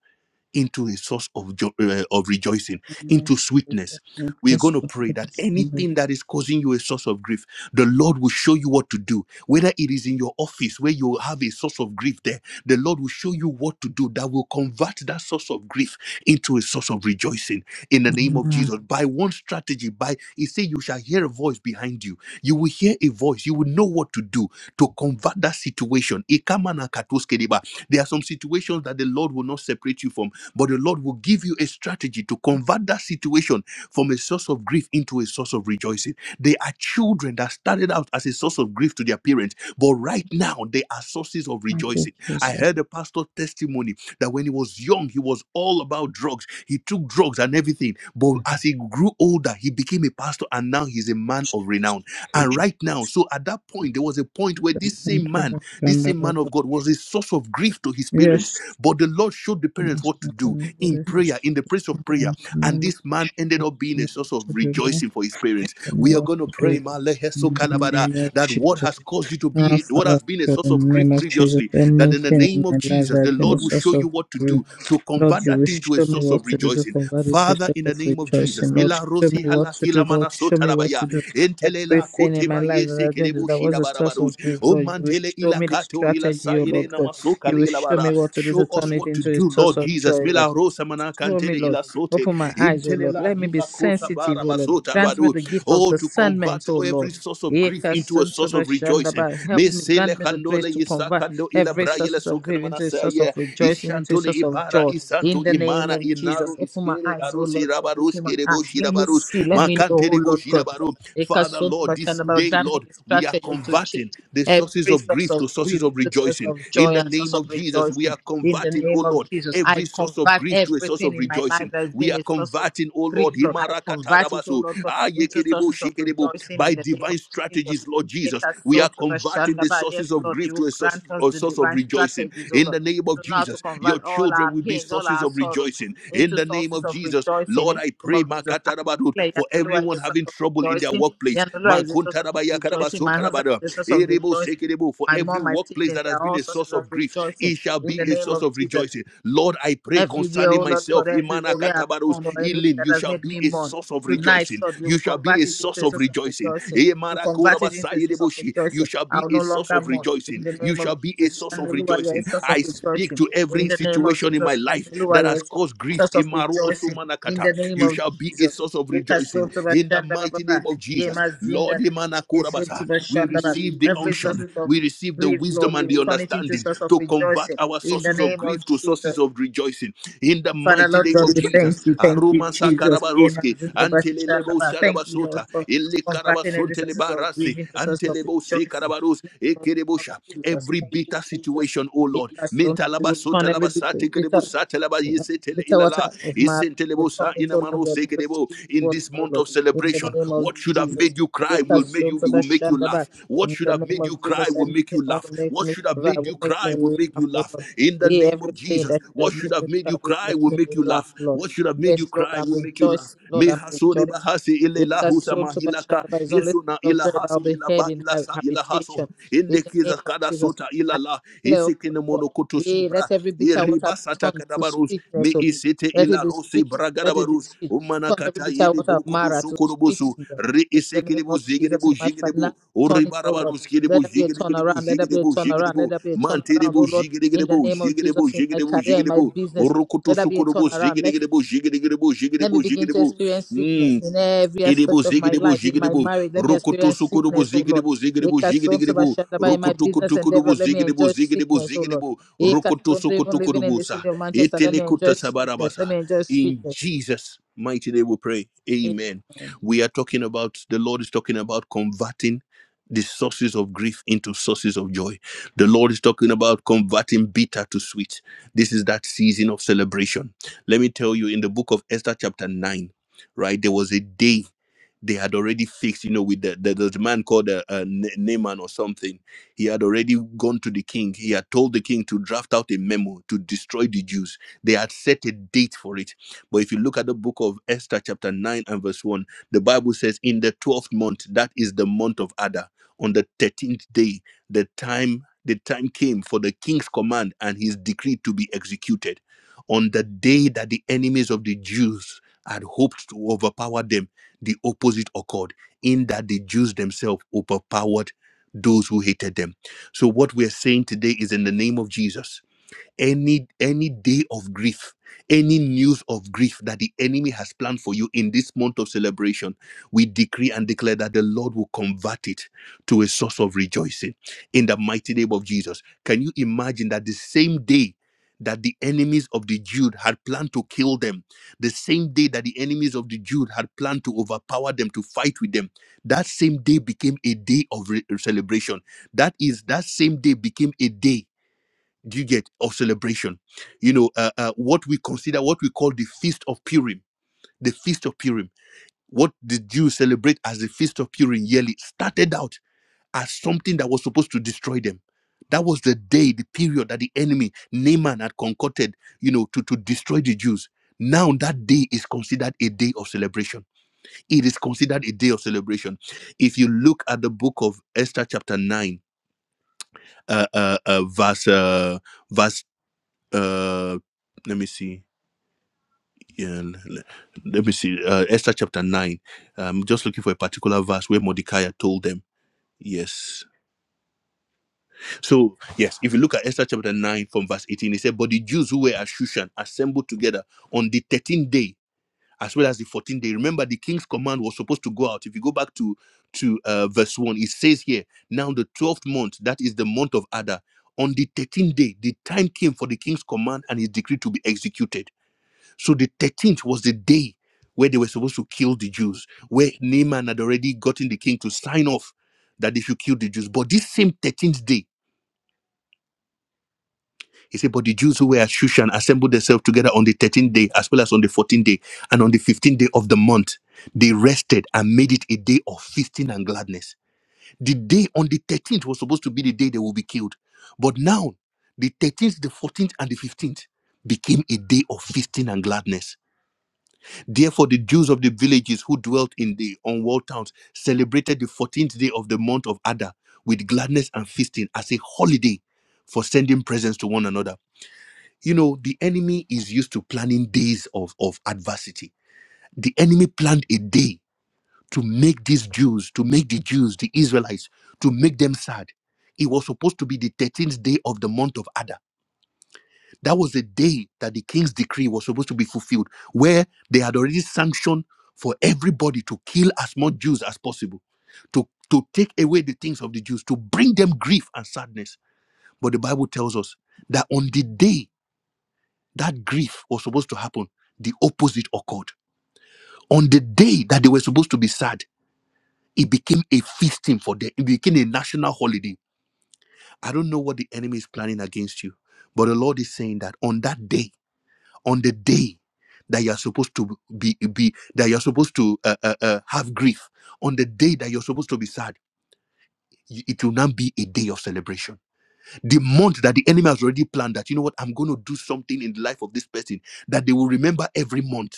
into a source of jo- uh, of rejoicing, Amen. into sweetness. We're going to pray that anything that is causing you a source of grief, the Lord will show you what to do. Whether it is in your office where you have a source of grief there, the Lord will show you what to do that will convert that source of grief into a source of rejoicing in the name of Amen. Jesus. By one strategy, by he said you shall hear a voice behind you. You will hear a voice, you will know what to do to convert that situation. Ikamana katoskedeba. There are some situations that the Lord will not separate you from but the Lord will give you a strategy to convert that situation from a source of grief into a source of rejoicing. They are children that started out as a source of grief to their parents, but right now they are sources of rejoicing. Thank you, I Jesus. heard a pastor testimony that when he was young, he was all about drugs. He took drugs and everything. But as he grew older, he became a pastor and now he's a man of renown. And Teach right now, so at that point, there was a point where this us and to understand the word. of God was a source of grief to his Yes, but the Lord showed the parents yes, what to I do can in really prayer, in the place of understand prayer. the name of This man ended this up being a Lord source of to do not rejoicing for his parents. and We are what going to to do pray, Ma Leheso, in the name of that what Jesus. has caused you to be, Our what Father, has been a source in the name of Jesus, anything in my life that of the has been Lord a source of to, grief. to convert Lord, you will into a show source. me what to do to convert it to a Father, state of rejoicing. Lord, show Rosi, me what to do. Hilama, Lord, show me what to do. Ente, Everything in my life that I've been that was a source of grief, Oh, Lord, my, you will show me the Ilito, strategy, oh Lord God. You will show me what to do to turn it into a source Lord of Jesus, joy, Lord. Manaka, Show me, Lord. Sote, Open my eyes, O Lord. Let me be sensitive, O Lord. Grant me Talabadu. the gift of oh, to discernment, O Lord. source of Eka into a source Santoba of rejoicing. Shandaba. Help May me, Sele, grant me the grace Ole, to convert Isakando, every source of grief into a source of Ilabaya, rejoicing, into a source of Bara, joy. is In the name of Inare Jesus, open my eyes, O arosi Lord God. rabaros Open my kerebo eyes. Let shiraba. me see, let me know, O Lord God. Ekasoto Bachanaba, grant me the We strategy are to change converting the sources every of source of grief, the source rejoicing. of joy In and the source name of of Jesus, we rejoicing. are converting In the name of Jesus, I convert everything in my life rejoicing. that has We been are a source of converting, oh Lord, grief, him Lord. I convert it, oh also. Lord God, Ah, ye into kerebo, sources she of kerebo. rejoicing by in the name divine of Jesus. strategies, Lord Jesus, we are Ekasoto converting Bachanaba, Yes, sources of Lord, grief to you a source. grant us the divine strategies, oh In Lord. the name of So Jesus, now to convert all children our pains, all our sorrows rejoicing. In into the name sources of of Jesus, rejoicing Lord, in I the name pray, of Jesus. I Makarabadut, declare for Yanulua is everyone a source having of trouble in rejoicing. your place. Yanulua is a For source of every rejoicing. My husband is a source of rejoicing. workplace My mom, my siblings, that they has are all sources source of of grief. rejoicing It shall be, in the name of Jesus. Lord, I pray, Everywhere, oh Lord, for everywhere where I've Kotabaros, gone or anything healing, that you has made me mourn. source of rejoicing. Tonight, Lord, you will You shall convert it be into source a of source of rejoicing. rejoicing. Eh, You Maraku, convert it into a source of Sayedeboshi, rejoicing. Shall be I will no longer mourn. rejoicing. In the You name of shall be a Jesus, source. Yanuluwa, you are a of- source of I speak rejoicing. to In every the name of situation in my Jesus, life. Yanuluwa, you are Cause a grief, source of Imaru rejoicing. Osumanaka, In the name of shall be a Jesus. source of rejoicing. Yekasoto bashanda bababa. Jesus, Lord, Yemazinda Imanakurabasa. yekesoto bashanda ba. The- Every source of we receive the grief, Lord, you and will the turn understand it into a source of rejoicing. our source In the name of to source Jesus. of rejoicing in the mighty Father, Lord God, we thank you. Thank you, Roman Jesus. Rabaros. Amen. Telele Zindabashishadaba. Thank you, basota, Lord, for eleka converting every source teleba of grieving to source of Antelebo se rejoicing. karabaros ekerebosha. Jesus, Every thank you, bitter Jesus. situation, oh Lord. Yes, Lord, we Mentalaba will turn every bit of little. satalaba yese tele Bitter water of Mara, will entelebo turn it, O Lord inama God, into sekerebo. sweet In this water, month O Lord, of celebration, in the name of what should have Jesus. made you cry Get will us soon to the make you Shandaba. laugh. What In should the have made name of you cry Jesus, will anything make you want laugh. to make me cry will make me Make you laugh, O laugh. Lord. In the name, Yeah, everything that should have what made should me have made cry you will cry make will me make you laugh, laugh. Lord. What should have made you Yes, Lord, I'm rejoicing, Lord, I'm meha sore rejoicing. bahasi ile Get lana us soon to the Shandaba. It's only full of joy ilaha that I'll be heard in my ilaha. habitation. In In the the case name of of kada Jesus, sota I ilala. In declare, O the Lord, monokotos, Yea, let every bitter water be turned to kadabarus me sweetness, O Lord. isete Let it ila be rosi sweet, O Lord. let bragadabarus it be sweet. umana Turn every bitter water of Mara to sweet, kadukurubusu O Lord. ri in the name isekiribu of Jesus. zigiribu In my finances, turn it, O Lord. uribarabarus kiribu Let there be a turnaround, let there be a turnaround, let there be a turnaround, O mantiribu Lord, in the jigiribu name of jigiribu Jesus. In my jigiribu jigiribu career, in my business, urukutu let there be a sukurubu turnaround. Let zigiribu jigiribu let jigiribu me begin to jigiribu experience sickness mm in every iribu aspect of my zigiribu life, in my jigiribu marriage. Let me experience sukurubu sickness, zigiribu oh Lord. jigiribu Ekasonto jigiribu In my business sukurubu endeavor, let me enjoy zigiribu sickness, oh Lord. Ekasonto, Even living sukurubu in the city of Manchester, ete let me enjoy sweetness. Let me enjoy In sweetness. Jesus' mighty name we pray. Amen. We are talking about, the Lord is talking about converting the sources of grief into sources of joy. The Lord is talking about converting bitter to sweet. This is that season of celebration. Let me tell you, in the book of Esther, chapter 9, right, there was a day they had already fixed, you know, with the, the, there's a man called uh, uh, Na- Naaman or something. He had already gone to the king. He had told the king to draft out a memo to destroy the Jews. They had set a date for it. But if you look at the book of Esther, chapter 9 and verse 1, the Bible says, In the 12th month, that is the month of Adar, on the 13th day, the time. The time came for the king's command and his decree to be executed. On the day that the enemies of the Jews had hoped to overpower them, the opposite occurred in that the Jews themselves overpowered those who hated them. So, what we're saying today is in the name of Jesus any any day of grief any news of grief that the enemy has planned for you in this month of celebration we decree and declare that the lord will convert it to a source of rejoicing in the mighty name of jesus can you imagine that the same day that the enemies of the Jude had planned to kill them, the same day that the enemies of the Jude had planned to overpower them, to fight with them, that same day became a day of re- celebration. That is, that same day became a day do you get of celebration? You know, uh, uh, what we consider, what we call the Feast of Purim, the Feast of Purim. What the Jews celebrate as the Feast of Purim yearly started out as something that was supposed to destroy them. That was the day, the period that the enemy Naaman had concocted, you know, to, to destroy the Jews. Now that day is considered a day of celebration. It is considered a day of celebration. If you look at the book of Esther, chapter nine, uh, uh, uh, verse uh, verse uh let me see yeah l- l- let me see uh esther chapter 9 i'm just looking for a particular verse where mordecai had told them yes so yes if you look at esther chapter 9 from verse 18 it said but the jews who were at shushan assembled together on the 13th day as well as the 14th day remember the king's command was supposed to go out if you go back to to uh, verse 1 it says here now the 12th month that is the month of adar on the 13th day the time came for the king's command and his decree to be executed So the 13th was the day where they were supposed to kill the Jews, where Naaman had already gotten the king to sign off that they should kill the Jews. But this same 13th day, he said, But the Jews who were at Shushan assembled themselves together on the 13th day, as well as on the 14th day, and on the 15th day of the month. They rested and made it a day of feasting and gladness. The day on the 13th was supposed to be the day they will be killed. But now, the 13th, the 14th, and the 15th became a day of feasting and gladness Therefore, the Jews of the villages who dwelt in the unwalled towns celebrated the 14th day of the month of Adar with gladness and feasting as a holiday for sending presents to one another. You know, the enemy is used to planning days of, of adversity. The enemy planned a day to make these Jews, to make the Jews, the Israelites, to make them sad. It was supposed to be the 13th day of the month of Adar that was the day that the king's decree was supposed to be fulfilled, where they had already sanctioned for everybody to kill as much Jews as possible, to, to take away the things of the Jews, to bring them grief and sadness. But the Bible tells us that on the day that grief was supposed to happen, the opposite occurred. On the day that they were supposed to be sad, it became a feasting for them, it became a national holiday. I don't know what the enemy is planning against you, but the Lord is saying that on that day, on the day that you're supposed to be, be that you're supposed to uh, uh, uh, have grief on the day that you're supposed to be sad y- it will not be a day of celebration the month that the enemy has already planned that you know what i'm going to do something in the life of this person that they will remember every month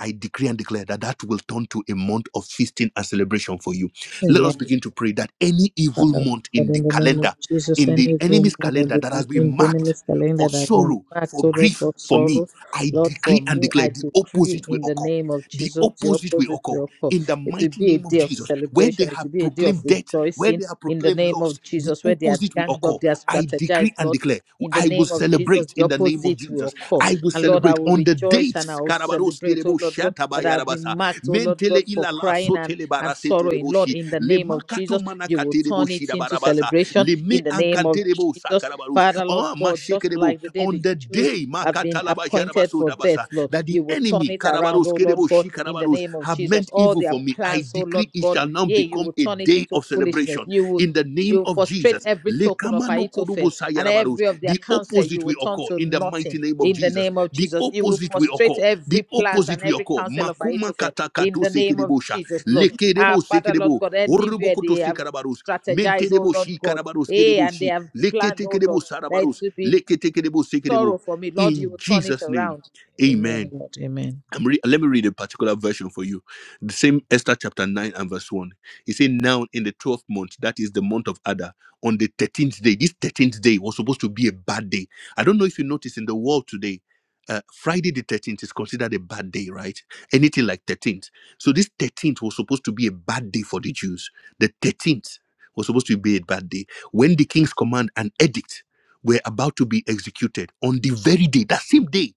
I decree and declare that that will turn to a month of feasting and celebration for you. Let Amen. us begin to pray that any evil Father, month in But in the name of Jesus, any enemy's woman in the in the enemy's calendar that has been sorrow, marked, oh Lord, for sorrow, I Lord, for decree and me, declare I the opposite decree in the name of Jesus the opposite will occur. in the It mighty will be a day of celebration, it will be a day of rejoicing in the name of Jesus, where they are ganged up, they are strategized, and Lord. declare In the I will name of celebrate. Jesus, the opposite will occur. I will. And Lord, I will on the rejoice and I will Karabaru celebrate, oh Lord God, that Tabaya I have been marked, oh Lord Tele God, for crying and, Tele and Barasit sorrowing. Lord, in the name Lemana of Jesus. You will Katerebo turn it into celebration in the name of Terebo Jesus. Sakarabarus Father, Lord God, just Ekerebo like the day on the the Jews day have been Makatalaba appointed for death, Lord, that the you will turn enemy it around, oh Lord Kerebo God, in the Karabarus name of have made Jesus. All their it plans, oh Lord it God, shall now yeah, be you will a turn it day into of celebration foolishness. You will in the name you of frustrate every token of Kamano Ahithophel Kurubu and Sayaraba every of their counsel you will turn to in nothing the name of Jesus. in the name of Jesus. You will frustrate every plant and every counsel of Kuma Kata Ahithophel Katusha, in the name of Jesus, Lord. Our Lekerebo Father, Lord Sekerebo God, anywhere Urubuku they have Karabarus strategize, oh Lord God. Karabarus Hey, and they have planned, oh Leketekerebo Lord, that it Sarabarus will be Leketekerebo Sekerebo sorrow for me. Lord, you will turn Jesus it around. Amen Amen, Lord. Amen. I'm re- let me read a particular version for you. The same Esther chapter 9 and verse 1. He said, Now in the 12th month, that is the month of Adar, on the 13th day, this 13th day was supposed to be a bad day. I don't know if you notice in the world today, uh, Friday the 13th is considered a bad day, right? Anything like 13th. So this 13th was supposed to be a bad day for the Jews. The 13th was supposed to be a bad day. When the king's command and edict were about to be executed on the very day, that same day,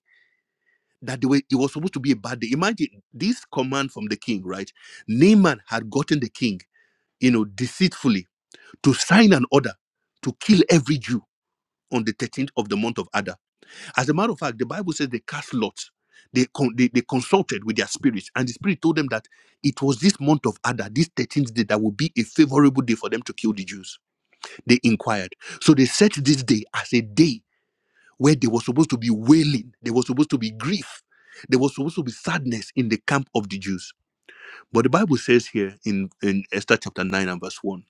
that they were, it was supposed to be a bad day. Imagine this command from the king, right? Naaman had gotten the king, you know, deceitfully to sign an order to kill every Jew on the 13th of the month of Adar. As a matter of fact, the Bible says they cast lots. They, con- they, they consulted with their spirits, and the spirit told them that it was this month of Adar, this 13th day, that would be a favorable day for them to kill the Jews. They inquired. So they set this day as a day where there was supposed to be wailing, there was supposed to be grief, there was supposed to be sadness in the camp of the Jews. But the Bible says here in, in Esther chapter 9 and verse 1,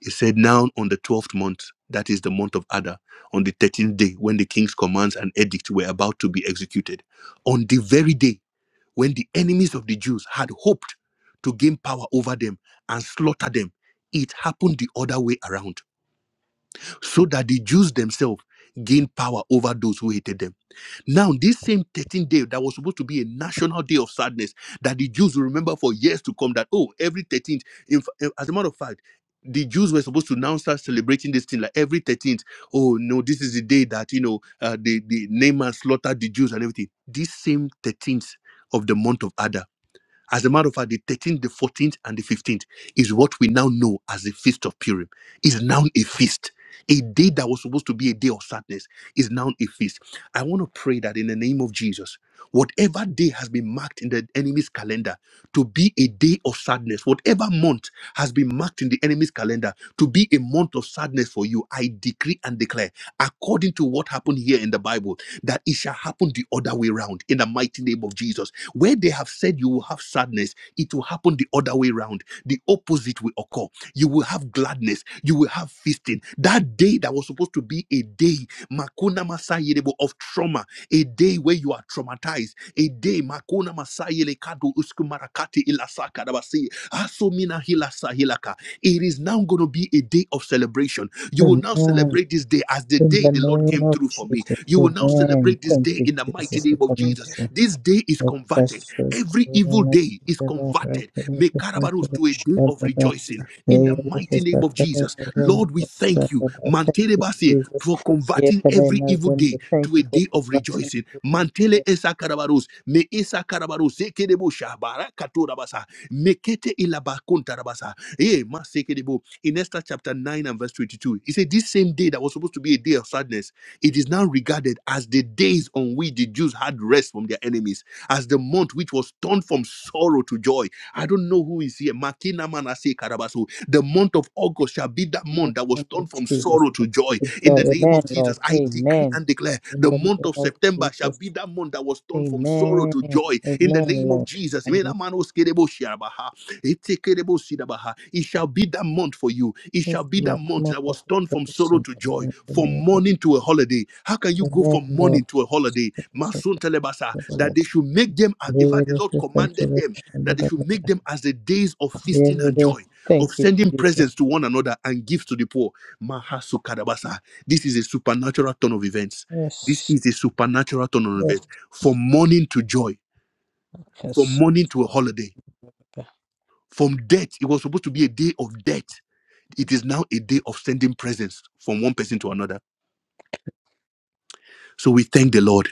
it said, Now on the 12th month, that is the month of Adar, on the 13th day, when the king's commands and edict were about to be executed, on the very day when the enemies of the Jews had hoped to gain power over them and slaughter them, it happened the other way around, so that the Jews themselves gained power over those who hated them. Now, this same 13th day that was supposed to be a national day of sadness that the Jews will remember for years to come, that, oh, every 13th, in, fa- as a matter of fact, the Jews were supposed to now start celebrating this thing like every 13th. Oh, no, this is the day that, you know, uh, the, the Naaman slaughtered the Jews and everything. This same 13th of the month of Adar as a matter of fact, the 13th, the 14th, and the 15th is what we now know as the Feast of Purim. Is now a feast. A day that was supposed to be a day of sadness is now a feast. I want to pray that in the name of Jesus, whatever day has been marked in the enemy's calendar to be a day of sadness, whatever month has been marked in the enemy's calendar to be a month of sadness for you, I decree and declare, according to what happened here in the Bible, that it shall happen the other way around in the mighty name of Jesus where they have said you will have sadness, it will happen the other way round. The opposite will occur. You will have gladness. You will have feasting. That day that was supposed to be a day Makuna Masayelebo of trauma, a day where you are traumatized, a day Makuna Masayele Kado Uskumarakati Ilasaka Dabasi Asumina Hilasa Hilaka. It is now going to be a day of celebration. You will Amen. celebrate this day as the In day the name of for me. Jesus. You will not Amen. Thank you, in the Jesus, name for of Jesus. coming through. This day is Let com- us serve to every the evil Lord. day is Let us serve to Karabarus the to a day Lord. of sin. Let us serve to name us in Lord, the we Lord. thank the you. Lord. Thank you, Mantelebasi Jesus. to a converting Yes, and amen. day. Thank you for Listen, conversing. mantele esa karabarus, me esa karabarus, seke debo shabara katura basa, mekete ilabakunta rabasa. Eh, ma seke debo. In Esther chapter 9 and verse 22, he said, This same day that was supposed to be a day of sadness, it is now regarded as the days on which the Jews had rest from their enemies, as the month which was turned from sorrow to joy. I don't know who is here. Makina manase karabasu. The month of August shall be that In the month that was name of turned from Jesus, sorrow to joy. destroy your man, Lord. I Amen. and declare In the the month name of of September shall Jesus, be that month that was turned Amen. to joy. Amen, Lord. Jesus, And may we that man was kerebo shiabaha, etekerebo sidabaha. it shall be that month for you. It shall bless be that Lord, month more that of was turned from sorrow rejoicing, to Lord. joy, In the from name of mourning to a holiday. How can you the go Lord, from Lord. mourning to a holiday? Masun telebasa, that they should make them a- make them as the days of feast, Thank of you, sending Jesus. presents to one another and gifts to the poor. Mahasukadabasa. This is a supernatural turn of events. This Yes, is a supernatural turn of events yes, from mourning to joy from yes. morning to a holiday. From death, it was supposed to be a day of death. It is now a day of sending presents from one person to another. So we thank the Lord.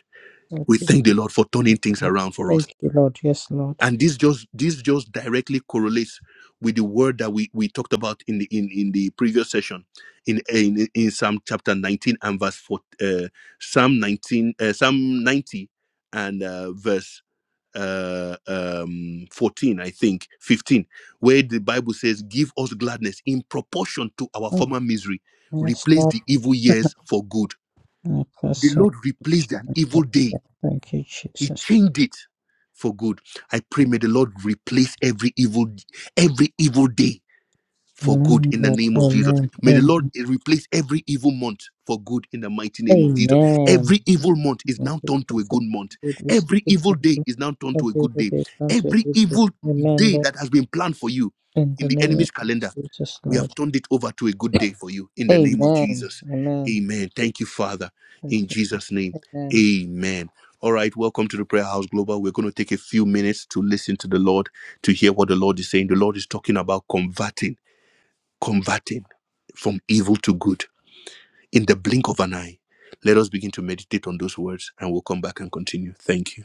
Thank We you, thank the Lord for turning things around for us. thank you, Lord. Yes, Lord. And this just this just directly correlates with the word that we, we talked about in the in, in the previous session in, in in Psalm chapter 19 and verse 4 uh, Psalm 19 uh, Psalm 90 and uh, verse uh, um, 14, I think, 15, where the Bible says, Give us gladness in proportion to our Mm, former misery. Yes, Replace the evil years for good. The Akasa. Lord replaced an evil day, Thank you, He Jesus. changed it for good. I pray, may the Lord replace every evil, every evil day for Amen. the Lord. name of Jesus. Amen. May the Lord Amen. replace every evil month for good in the mighty name of Jesus. Amen. Every evil month is Thank now you, turned to a Jesus. good month. Good is a Every good evil thank day you. is now turned to Everybody come to a every good day. evil Amen, day Lord. that has been planned for you In the the name enemy's of calendar, Jesus, we have Lord. turned it over to a good day for you in the Amen. news. Amen. Amen. Thank you, Father, Thank in you. Jesus' name. Lord. Amen. Amen. All right, welcome to the Prayer House Global. We're going to take a few minutes to listen to the Lord, to hear what the Lord is saying. The Lord is talking about converting, converting from evil to good in the blink of an eye. Let us begin to meditate on those words and we'll come back and continue. Thank you.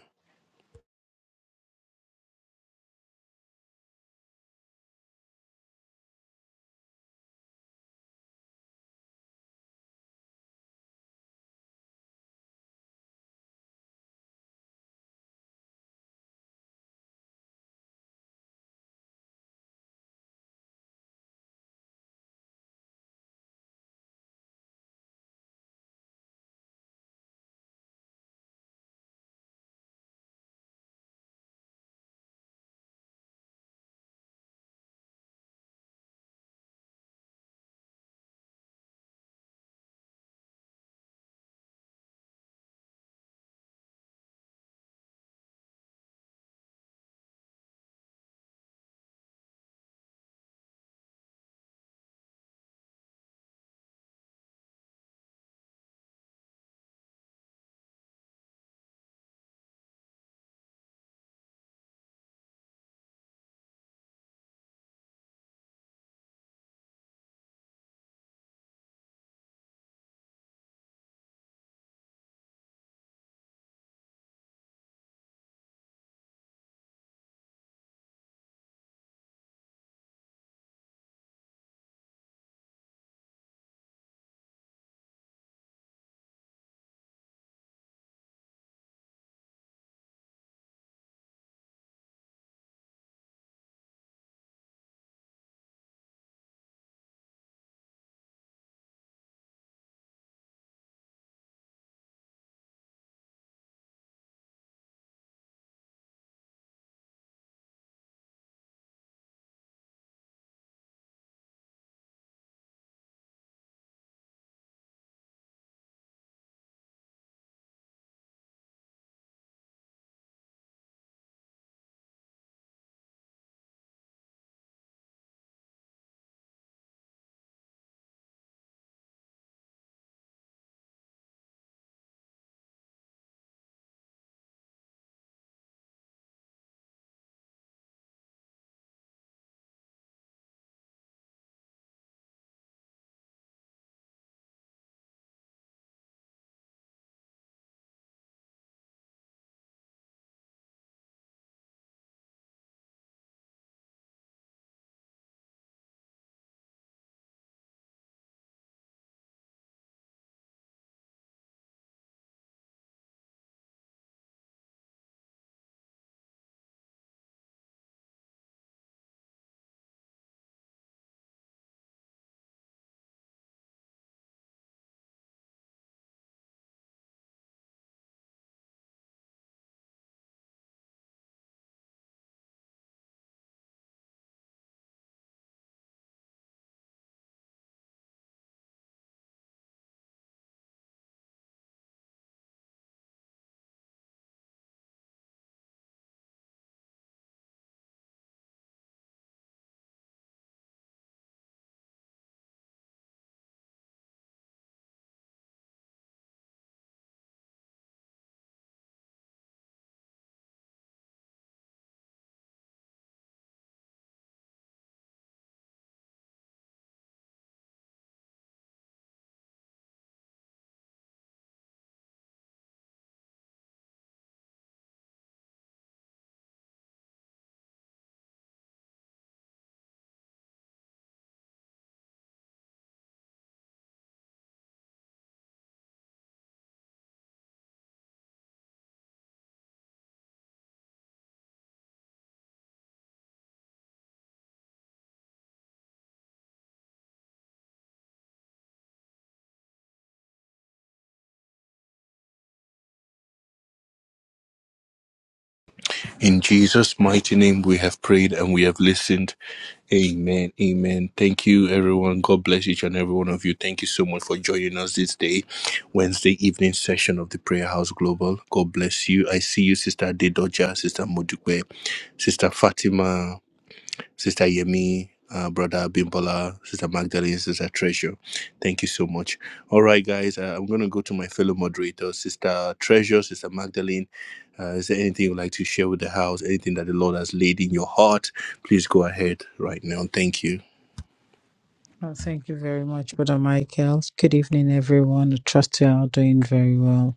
In Jesus' mighty name, we have prayed and we have listened. Amen. Amen. Thank you, everyone. God bless each and every one of you. Thank you so much for joining us this day, Wednesday evening session of the Prayer House Global. God bless you. I see you, Sister Adedoja, Sister Modukwe, Sister Fatima. Sister Yemi, uh, Brother Bimbola, Sister Magdalene, Sister Treasure. Thank you so much. All right, guys, uh, I'm going to go to my fellow moderators, Sister Treasure, Sister Magdalene. Uh, is there anything you'd like to share with the house? Anything that the Lord has laid in your heart? Please go ahead right now. Thank you. Oh, thank you very much, Brother Michael. Good evening, everyone. I trust you are doing very well.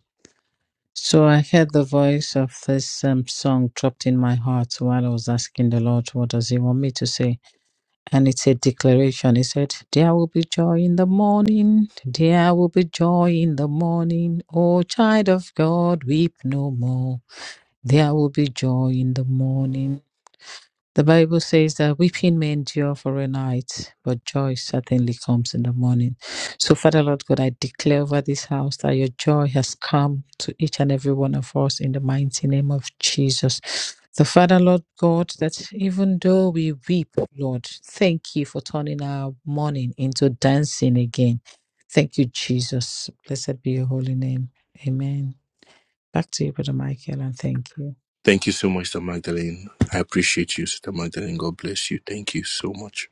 So I heard the voice of this um, song dropped in my heart while I was asking the Lord, What does He want me to say? And it's a declaration. He said, There will be joy in the morning. There will be joy in the morning. O child of God, weep no more. There will be joy in the morning. The Bible says that weeping may endure for a night, but joy certainly comes in the morning. So, Father Lord God, I declare over this house that your joy has come to each and every one of us in the mighty name of Jesus. The Father Lord God, that even though we weep, Lord, thank you for turning our mourning into dancing again. Thank you, Jesus. Blessed be your holy name. Amen. Back to you, Brother Michael, and thank you. Thank you so much, Sister Magdalene. I appreciate you, Sister Magdalene. God bless you. Thank you so much.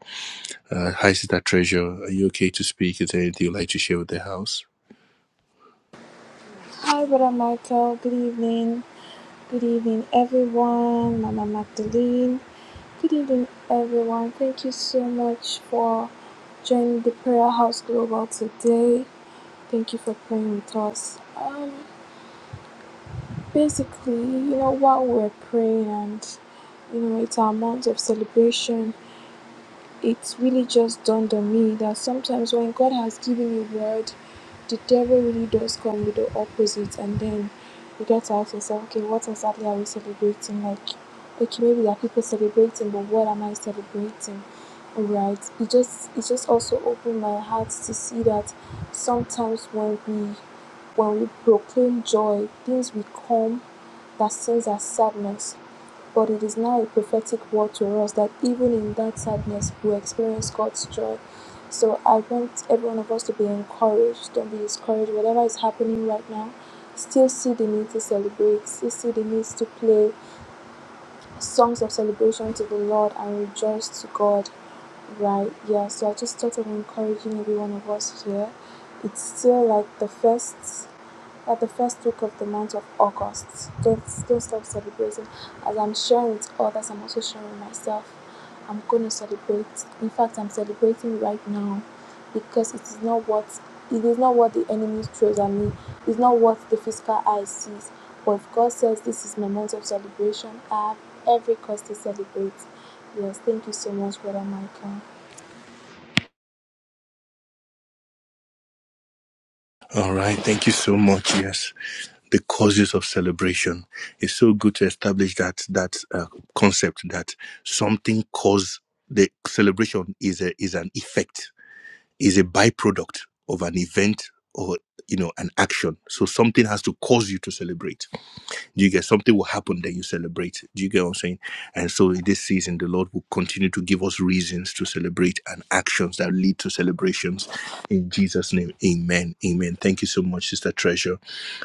Uh, hi, Sister Treasure. Are you okay to speak? Is there anything you'd like to share with the house? Hi, Brother Michael. Good evening. Good evening, everyone. Mama Magdalene. Good evening, everyone. Thank you so much for joining the Prayer House Global today. Thank you for praying with us. Um, basically, you know, while we're praying and you know, it's our month of celebration it really just dawned on me that sometimes when God has given you word, the devil really does come with the opposite, and then you get to ask yourself, okay, what exactly are we celebrating? Like, okay, maybe there are people celebrating, but what am I celebrating? Alright, It just it just also opened my heart to see that sometimes when we when we proclaim joy, things will come that seems as sadness but it is now a prophetic word to us that even in that sadness, we experience God's joy. So I want every one of us to be encouraged. Don't be discouraged. Whatever is happening right now, still see the need to celebrate, still see the need to play songs of celebration to the Lord and rejoice to God. Right, yeah. So I just thought of encouraging every one of us here. It's still like the first at the first week of the month of August. Don't don't stop celebrating. As I'm sharing with others, I'm also sharing with myself. I'm gonna celebrate. In fact, I'm celebrating right now because it is not what it is not what the enemy throws at me. It's not what the physical eye sees. But if God says this is my month of celebration, I have every cause to celebrate. Yes, thank you so much, Brother Michael. All right. Thank you so much. Yes. the causes of celebration. It's so good to establish that that uh, concept that something cause the celebration is a, is an effect, is a byproduct of an event or you know an action. So something has to cause you to celebrate. Do you get something will happen then you celebrate? Do you get what I'm saying? And so in this season, the Lord will continue to give us reasons to celebrate and actions that lead to celebrations. In Jesus' name, Amen. Amen. Thank you so much, Sister Treasure.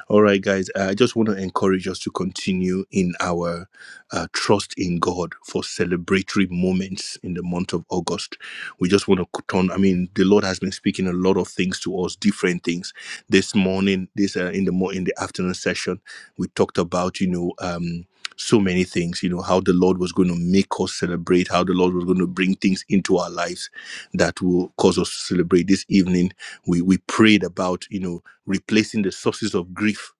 All right, guys. uh, I just want to encourage us to continue in our uh, trust in God for celebratory moments in the month of August. We just want to turn. I mean, the Lord has been speaking a lot of things to us, different things. This morning, this uh, in the mo- in the afternoon session, we talked about you know. Um, so many things, you know, how the Lord was going to make us celebrate, how the Lord was going to bring things into our lives that will cause us to celebrate. This evening, we we prayed about, you know, replacing the sources of grief.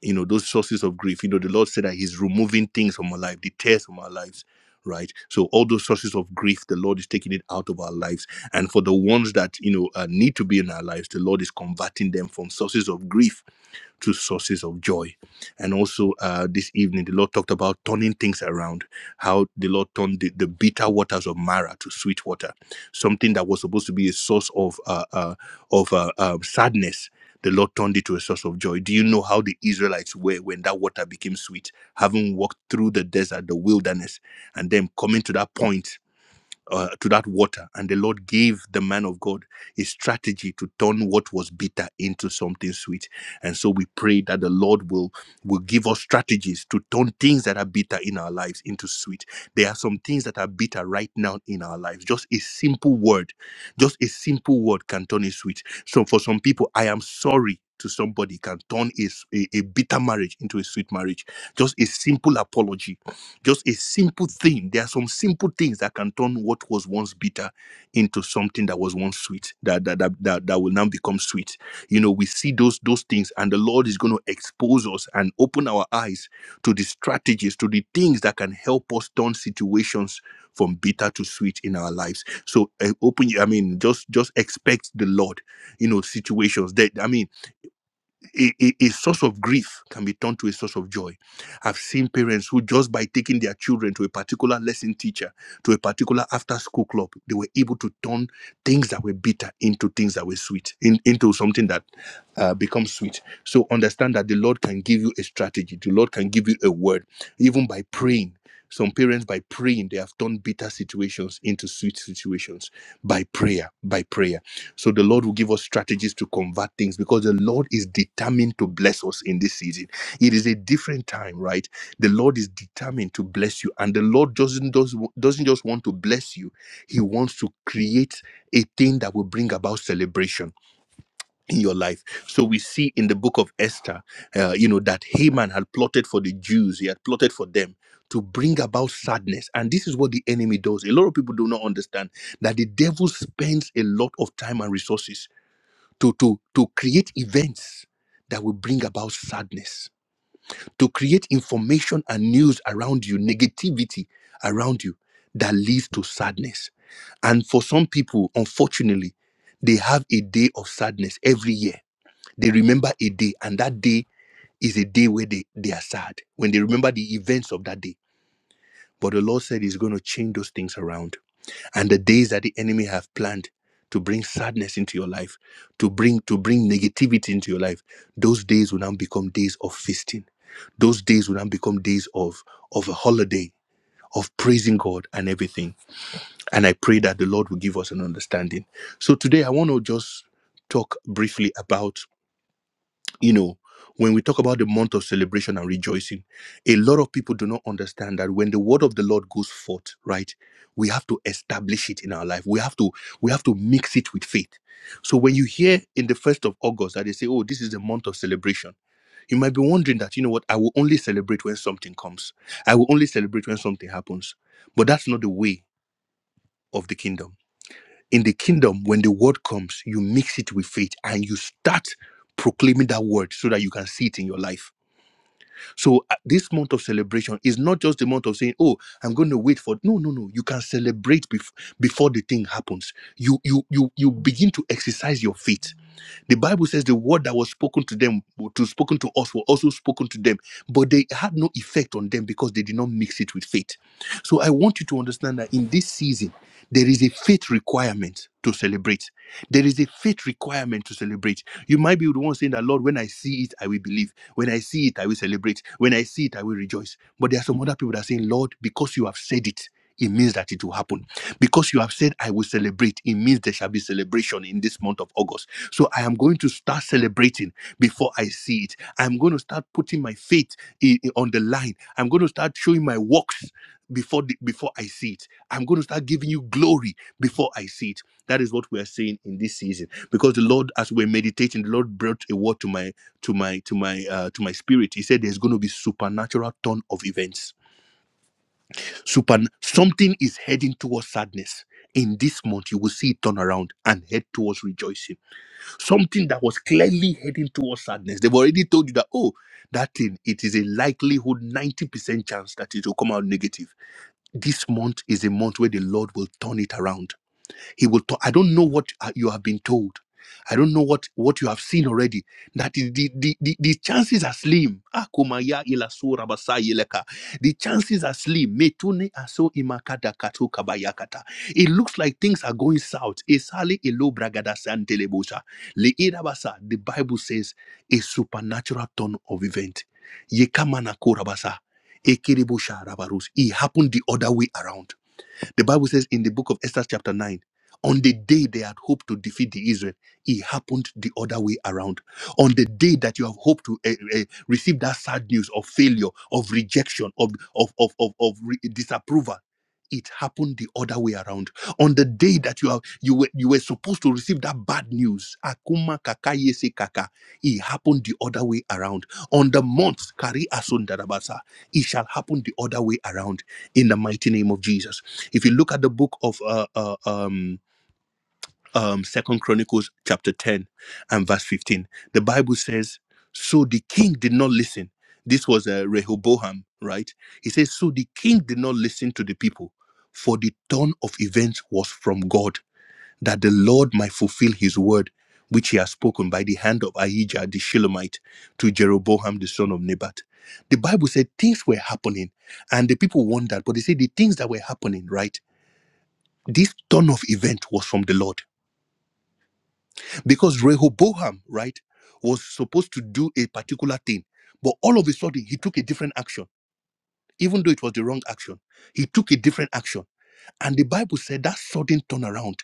You know, those sources of grief. You know, the Lord said that He's removing things from our life, the tears from our lives, right? So all those sources of grief, the Lord is taking it out of our lives. And for the ones that you know uh, need to be in our lives, the Lord is converting them from sources of grief to sources of joy. And also uh, this evening, the Lord talked about turning things around, how the Lord turned the, the bitter waters of Mara to sweet water, something that was supposed to be a source of uh, uh, of uh, uh, sadness. The Lord turned it to a source of joy. Do you know how the Israelites were when that water became sweet, having walked through the desert, the wilderness, and then coming to that point? uh, to that water and the lord gave the man of god a strategy to turn what was bitter into something sweet and so we pray that the lord will will give us strategies to turn things that are bitter in our lives into sweet there are some things that are bitter right now in our lives just a simple word just a simple word can turn it sweet so for some people i am sorry to somebody can turn a, s- a a bitter marriage into a sweet marriage just a simple apology just a simple thing. There are some simple things that can turn what was once bitter into something that was once sweet, that that that, that, that will now become sweet. You know, we see those those things, and the Lord is going to expose us and open our eyes to the strategies, to the things that can help us turn situations from bitter to sweet in our lives. So uh, open, I mean, just just expect the Lord. You know, situations that I mean a, a, a source of grief can be turned to a source of joy. I've seen parents who, just by taking their children to a particular lesson teacher, to a particular after school club, they were able to turn things that were bitter into things that were sweet, in, into something that uh, becomes sweet. So understand that the Lord can give you a strategy, the Lord can give you a word, even by praying. Some parents, by praying, they have turned bitter situations into sweet situations by prayer, by prayer. So the Lord will give us strategies to convert things because the Lord is determined to bless us in this season. It is a different time, right? The Lord is determined to bless you, and the Lord doesn't does, doesn't just want to bless you. He wants to create a thing that will bring about celebration in your life. So we see in the book of Esther, uh, you know, that Haman had plotted for the Jews. He had plotted for them to bring about sadness, and this is what the enemy does. A lot of people do not understand that the devil spends a lot of time and resources to, to, to create events that will bring about sadness, to create information and news around you, negativity around you that leads to sadness. And for some people, unfortunately, they have a day of sadness every year. They remember a day, and that day is a day where they, they are sad when they remember the events of that day. But the Lord said He's going to change those things around and the days that the enemy have planned to bring sadness into your life to bring to bring negativity into your life those days will now become days of feasting those days will now become days of of a holiday of praising god and everything and i pray that the lord will give us an understanding so today i want to just talk briefly about you know when we talk about the month of celebration and rejoicing a lot of people do not understand that when the word of the lord goes forth right we have to establish it in our life we have to we have to mix it with faith so when you hear in the first of august that they say oh this is the month of celebration you might be wondering that you know what i will only celebrate when something comes i will only celebrate when something happens but that's not the way of the kingdom in the kingdom when the word comes you mix it with faith and you start proclaiming that word so that you can see it in your life so uh, this month of celebration is not just the month of saying oh i'm going to wait for no no no you can celebrate bef- before the thing happens you you you you begin to exercise your faith the Bible says the word that was spoken to them, to spoken to us, were also spoken to them, but they had no effect on them because they did not mix it with faith. So I want you to understand that in this season, there is a faith requirement to celebrate. There is a faith requirement to celebrate. You might be the one saying that, Lord, when I see it, I will believe. When I see it, I will celebrate. When I see it, I will rejoice. But there are some other people that are saying, Lord, because you have said it, it means that it will happen. Because you have said, I will celebrate, it means there shall be celebration in this month of August. So I am going to start celebrating before I see it. I'm going to start putting my faith i- i- on the line. I'm going to start showing my works before the, before I see it. I'm going to start giving you glory before I see it. That is what we are saying in this season. Because the Lord, as we're meditating, the Lord brought a word to my to my to my uh, to my spirit. He said, "There's going to be supernatural turn of events. Super something is heading towards sadness." In this month, you will see it turn around and head towards rejoicing. Something that was clearly heading towards sadness. They've already told you that, oh, that thing, it is a likelihood 90% chance that it will come out negative this month is a month where the Lord will turn it around. He will talk. I don't know what uh, you have been told. I don't know what, what you have seen already. That the, the, the, the the chances are slim. Akumaya ilasu rabasa yeleka. The chances are slim. Metune aso imakada katu kabayakata. It looks like things are going south. Esali elo bragada santelebosha. Leirabasa. The Bible says a supernatural turn of event. Yekamana korabasa. Ekerebosha rabarus. It happened the other way around. The Bible says in the book of Esther, chapter 9, on the day they had hoped to defeat the Israel, it happened the other way around. On the day that you have hoped to eh, eh, receive that sad news of failure, of rejection, of, of, of, of, of re- disapproval, it happened the other way around. On the day that you are you were you were supposed to receive that bad news, Akuma kakaye se kaka, it happened the other way around. On the month, Kari Asundarabasa, it shall happen the other way around in the mighty name of Jesus. If you look at the book of uh, uh, um, um, Second Chronicles chapter 10 and verse 15, the Bible says, "So the king did not listen." This was uh, Rehoboam, right? He says, "So the king did not listen to the people, for the turn of events was from God, that the Lord might fulfill His word." Which he has spoken by the hand of Ahijah the Shilomite to Jeroboam the son of Nebat. The Bible said things were happening and the people wondered, but they said the things that were happening, right? this turn of event was from the Lord because Rehoboam, right, was supposed to do a particular thing, but all of a sudden he took a different action, even though it was the wrong action. He took a different action, and the Bible said that sudden turnaround,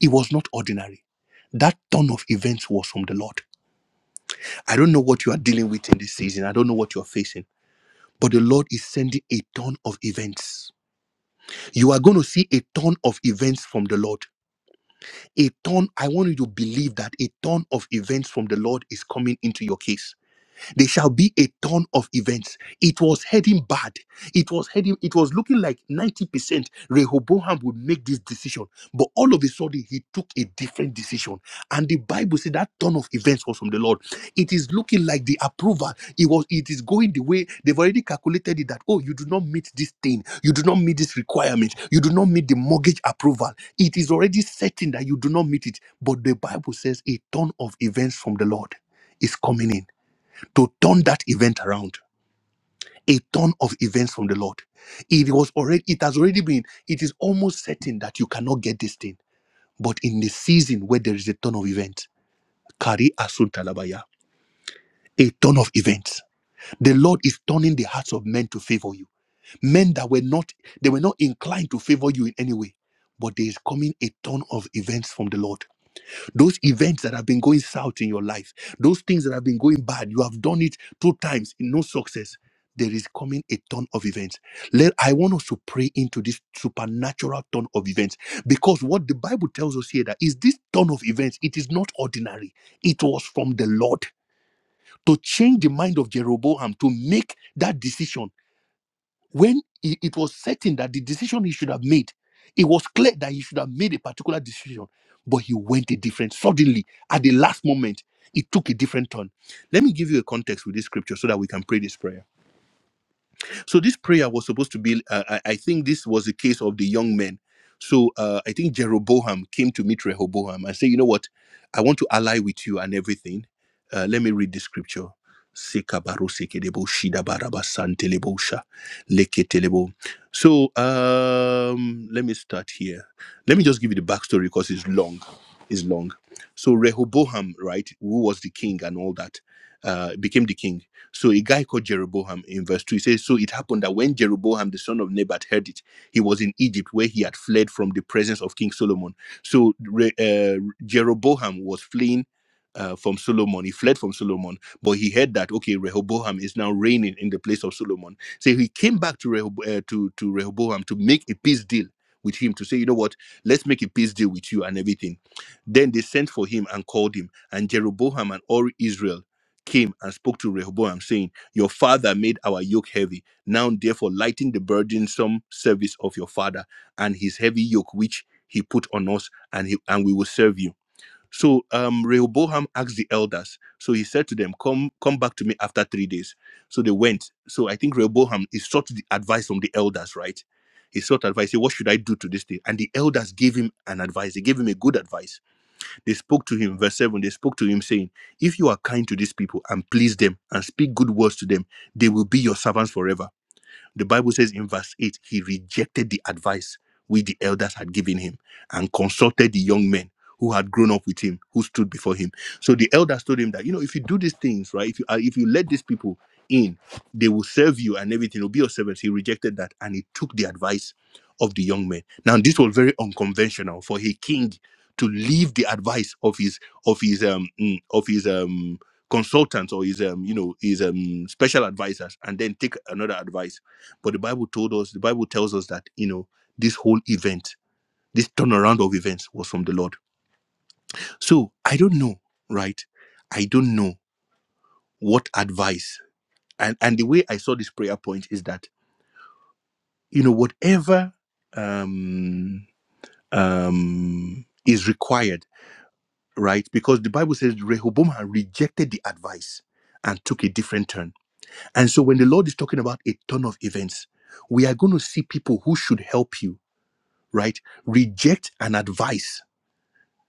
it was not ordinary. That turn of events was from the Lord. I don't know what you are dealing with in this season. I don't know what you are facing, but the Lord is sending a ton of events. You are going to see a ton of events from the Lord A turn, I want you to believe that a turn of events from the Lord is coming into your case. There shall be a ton of events. It was heading bad. It was heading, it was looking like 90% Rehoboam would make this decision. But all of a sudden, he took a different decision. And the Bible said that ton of events was from the Lord. It is looking like the approval. It was, it is going the way they've already calculated it that, oh, you do not meet this thing. You do not meet this requirement. You do not meet the mortgage approval. It is already certain that you do not meet it. But the Bible says a ton of events from the Lord is coming in to turn that event around. A ton of events from the Lord. It was already, it has already been, it is almost certain that you cannot get this thing. But in the season where there is a ton of events, Kari Asun Talabaya, a ton of events. The Lord is turning the hearts of men to favor you. Men that were not, they were not inclined to favor you in any way. But there is coming a ton of events from the Lord Those events that have been going south in your life, those things that have been going bad, you have done it two times in no success. There is coming a ton of events. Let I want us to pray into this supernatural ton of events because what the Bible tells us here that is this ton of events. It is not ordinary. It was from the Lord to change the mind of Jeroboam to make that decision when i- it was certain that the decision he should have made, it was clear that he should have made a particular decision, but he went a different. Suddenly, at the last moment, it took a different turn. Let me give you a context with this scripture so that we can pray this prayer. So this prayer was supposed to be. Uh, I I think this was the case of the young men. So uh, I think Jeroboam came to meet Rehoboam and say, you know what, I want to ally with you and everything. Uh, let me read the scripture. Sekabaro sekedebo shidabaraba santelebo leketelebo. So um, let me start here. Let me just give you the backstory because it's long. It's long. So Rehoboam, right, who was the king and all that, uh, became the king so a guy called Jeroboam in verse 2, he says, So it happened that when Jeroboam, the son of Nebat, heard it, he was in Egypt where he had fled from the presence of King Solomon. So Re- uh, Jeroboam was fleeing uh, from Solomon. He fled from Solomon, but he heard that, okay, Rehoboam is now reigning in the place of Solomon. So he came back to, Rehob- uh, to, to Rehoboam to make a peace deal with him to say, you know what, let's make a peace deal with you and everything. Then they sent for him and called him, and Jeroboam and all Israel came and spoke to Rehoboam, saying, Your father made our yoke heavy. Now, therefore, lighten the burdensome service of your father and his heavy yoke which he put on us, and he and we will serve you. So um, Rehoboam asked the elders. So he said to them, Come, come back to me after three days. So they went. So I think Rehoboam he sought the advice from the elders, right? He sought advice. He said, What should I do to this thing? And the elders gave him an advice. They gave him a good advice they spoke to him, verse 7, they spoke to him, saying, If you are kind to these people and please them and speak good words to them, they will be your servants forever. The Bible says in verse 8, he rejected the advice which the elders had given him and consulted the young men who had grown up with him, who stood before him. So the elders told him that, you know, if you do these things, right, if you, uh, if you let these people in, they will serve you and everything, will be your servants. He rejected that and he took the advice of the young men. Now, this was very unconventional for a king to leave the advice of his of his um mm, of his um consultants or his um you know his um special advisors and then take another advice but the Bible told us, the Bible tells us that, you know, this whole event, this turnaround of events was from the Lord. So I don't know, right? I don't know what advice. And and the way I saw this prayer point is that, you know, whatever um um is required, right? Because the Bible says Rehoboam had rejected the advice and took a different turn. And so when the Lord is talking about a turn of events, we are going to see people who should help you right? Reject an advice,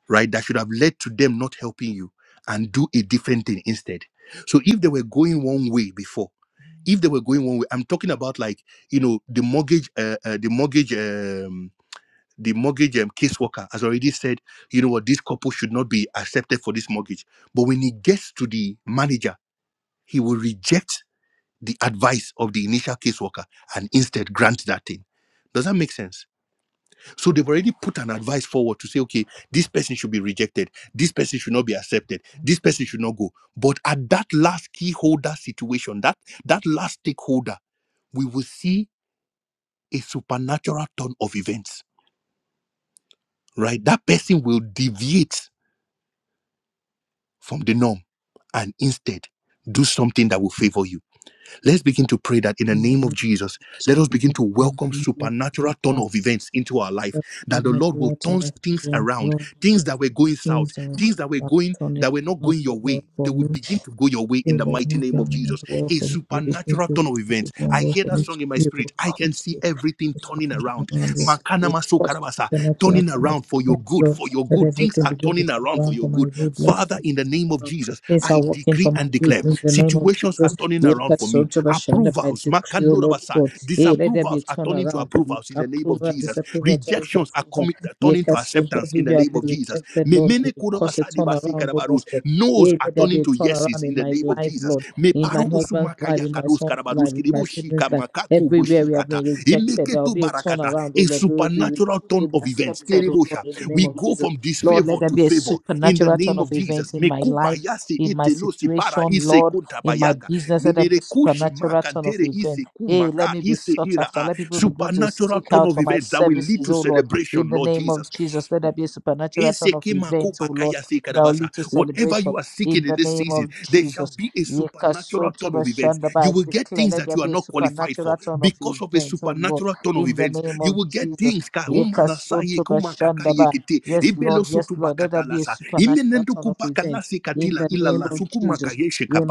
right, that should have led to them not helping you and do a different thing instead. So if they were going one way before, if they were going one way, I'm talking about like you know the mortgage, uh, uh, the mortgage, um, the mortgage um, caseworker has already said, you know what, this couple should not be accepted for this mortgage. But when he gets to the manager, he will reject the advice of the initial caseworker and instead grant that thing. Does that make sense? So they've already put an advice forward to say, okay, this person should be rejected. This person should not be accepted. This person should not go. But at that last key holder situation, that that last stakeholder, we will see a supernatural turn of events. Right? That person will deviate from the norm and instead do something that will favor you. Let's begin to pray that in the name of Amen. Jesus, let us begin to welcome supernatural turn of events into our life, But The that the Lord will majority turn of things students around, love the things that were going communities and Things that were going opportunities that were not along going the your way way for me. begin to go your way in Everything the that has name of done well for me, Jesus. you begin to Turn do of what events is done well for me. strong in my You will spirit. I can cause see it. everything turning around. you. You will cause supernatural Turning around for your good, Lord. for your good, Let everything begin to turning turn around for you. around for my good. Let Father, things in the turn name of around. Jesus, Things are working for my good. In the name of situations are Jesus, turning we around. have sold to the Shanda Approval by can decree, O Lord God. this Hey, let there be a turnaround. O Lord. approvals in the name of Approval, disapproval, challenge Jesus. Akom- approval. Yes, sold everywhere I've been rejected, Lord. Emene You will cause a turnaround, O Lord God. Knows Hey, let there be a turnaround in my life, Lord, me in my husband's life, in my son's life, in my siblings' life. Everywhere we have been rejected, there will be a turnaround, oh Lord. We will be, we natural turn will be of events. accepted, oh Lord, in the name We go of Jesus. this Lord, let there be a supernatural turn of events in my life, fast, in my situation, Lord, in my business. Let there be a supernatural turn of events. Hey, let me be sought after. Let people begin to supernatural seek out for my services, oh Lord, in celebration. the name of Jesus. Let there be a supernatural turn of events, oh Lord, that Whenever will lead to celebration you are sick, in the name of there Jesus. be a su- Yekasotobashanda, but I will get declare, things that let there be a are qualified supernatural turn of of a events, supernatural oh Lord, turn of it. You in the name of will get Jesus. things kahum Yekasotobashanda, but Yes, Lord, yes, Lord, let there be a supernatural imenendu turn of events kubasi in katila the ila name la of sukuma Jesus. kayeshe kapa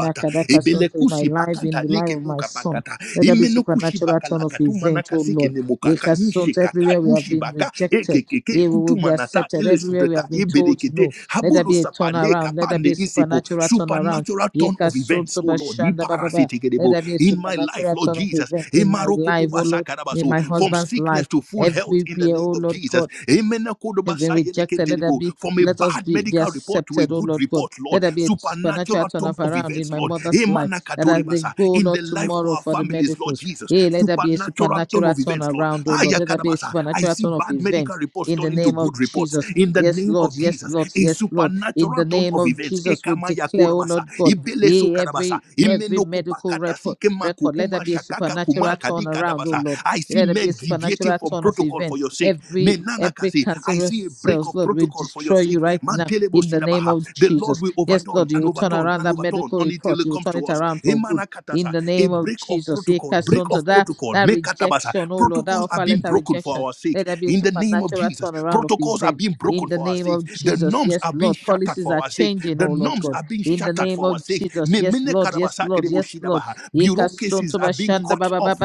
ebele In my life, in the life of my kupata son, let there be imene supernatural turn of events, oh Lord. muka Yekasonto, Everywhere we have been rejected, here we will be accepted. Everywhere we have been ibede told no, let there habulu be a turnaround. Let there be a supernatural turnaround. natural Yeka soto turn ipa bashanda baba. ba. Let itekedebo there be a in my life supernatural turn of event in my emaroko life, oh Lord, akadabaso in my husband's life. full Everywhere, oh Lord Jesus God. amen If kodobas they rejected, let that be, from a birth, let us be, be accepted, oh Lord God. Lord Let there be a supernatural supernatural turn of around in my mother's life. amen That as they go, Lord, tomorrow for the medicals. Jesus Hey, let there be a supernatural turn around, oh I Lord. Let can there be a supernatural turn of event report in the name of Jesus. in the name Yes, Lord, yes, Lord, yes, Lord. supernatural In the name of Jesus, we declare, oh Lord God, beleso yea, every every imenokunike medical record makuya record, let there be a supernatural kumaka. turn around, oh Lord. I see Let there be a supernatural turn of for event your sake. every Nana can Every see cancerous a breakthrough cells, Lord, we for your destroy sake. you right now Telebos, in the name of The Lord Jesus. will overturn Yes, Lord, you will turn around that medical report. You will turn it around for good us in the name of Jesus. Ekasonto, That, to call men that rejection, oh Lord, that offer letter for rejection. our sake. Let there be a In the name of Jesus, supernatural turnaround of cause are events being broken, in the name of Jesus. norms Yes, Lord. Policies are changing, oh Lord God. are being shattered. In the name of Jesus. me- Yes, mene Lord. Yes, Lord. Yes, Lord. Ekasonto bashanda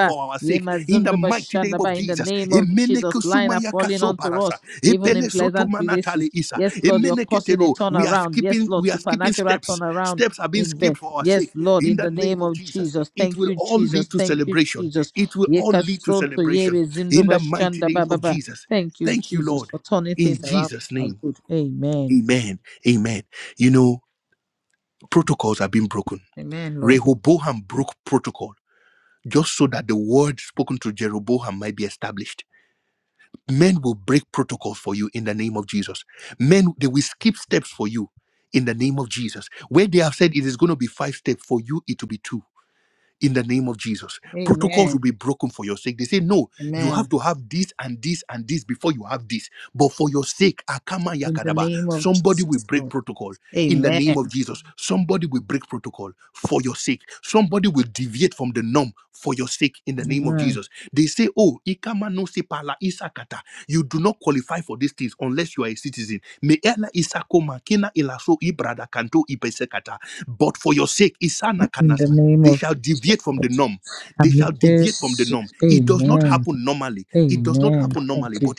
for our Ye sake. In the mazundo mi- bashanda ba, In the name e- of mene- Jesus, line are falling onto us, e- even in peleso pleasant tale places. isa. Yes, Lord, you're causing a Telo, turnaround. Yes, Lord, supernatural turnaround steps are being skipped in bed. for us. Yes, Lord, in the name of Jesus. Thank It you, will all Jesus. lead to Thank you, celebration. Jesus. It will all Ye kasoto yebe zindo in the shanda ba ba ba. master's Thank you, Jesus, for turning things around. for our name. good. Amen. Amen. Amen. You know, protocols are being broken Amen, Lord. Rehoboam broke protocol just so that the word spoken to Jeroboam might be established. Men will break protocol for you in the name of Jesus. Men, they will skip steps for you in the name of Jesus. Where they have said it is going to be five steps, for you it will be two in the name of Jesus. Amen. Be broken for your sake. They say, no, you have Amen. to have this and this and this before you have this. But for your sake, Akama In Yaka, the name of somebody will Jesus, break Lord. protocol name of Amen. Jesus, somebody will break protocol for your sake. Somebody will deviate from the norm for your sake in the name of Jesus. Amen. They say, Oh, Ikama no sepala isakata. You do not qualify for these things unless you are a citizen. Me ela isakoma kina ilaso ibrada kanto ipesekata. But for your sake, Isana In the name of deviate Jesus. from the norm. Deviate I'm from the just, norm. amen. Happen normally. Amen. Happen normally. Thank But you,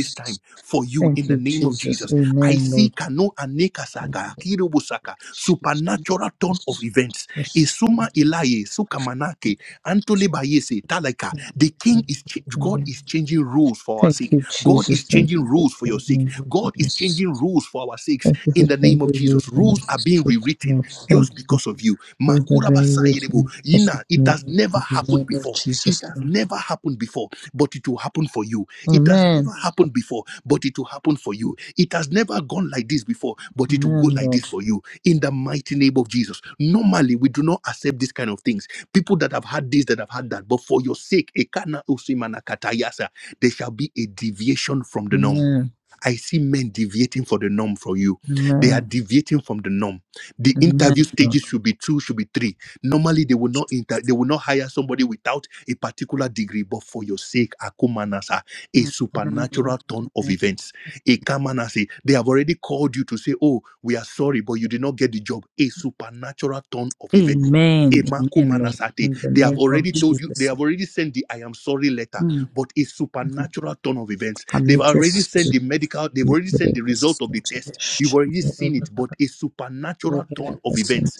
this time for you in Thank the you, name of Jesus. Amen, Lord Ikano aneka saka, kiribu saka, Jesus. supernatural turn of events. Isuma ilaye, sukamanake, antole bayese, talaka. The king is, ch- God is changing rules for us, Thank you, Jesus. Thank changing you for rules for your sake. changing the world God for is us. changing rules for our sakes. Thank you for changing the world for Rules are us. being rewritten. Lord, Just thank you. of you. Ma- Lord, I've been waiting for something Ina, it has in never, the name of Jesus. it has Lord. never happened before, but it will happen for you It Amen. happened before, but it will happen for you. It has never gone like this before, but it Amen, Lord. for you in the mighty name of Jesus. Normally, we do not accept this kind of things. People that have had this, that have had that, but for your sake, ekana usimana katayasa, there shall be a deviation from the norm. Amen. I see men deviating for the norm for you, Amen. deviating from the norm. The Amen, Lord. should be two, should be three. Normally, they will not inter, they will not hire somebody without a particular degree. But for your sake, Akumanasa, a Amen, Lord. supernatural turn of Amen. events, a Kamanasi, they have already called you to say, "Oh, we are sorry, but you did not get the job." A supernatural turn of Amen. Amen, Lord. that In the They have name of already told you, they Jesus. have already sent the I am sorry letter, Mm. but a Mm. supernatural turn of events. I They've already sent majesty. the medical, they've Thank already sent the result of the test. You've already seen, but a supernatural of events.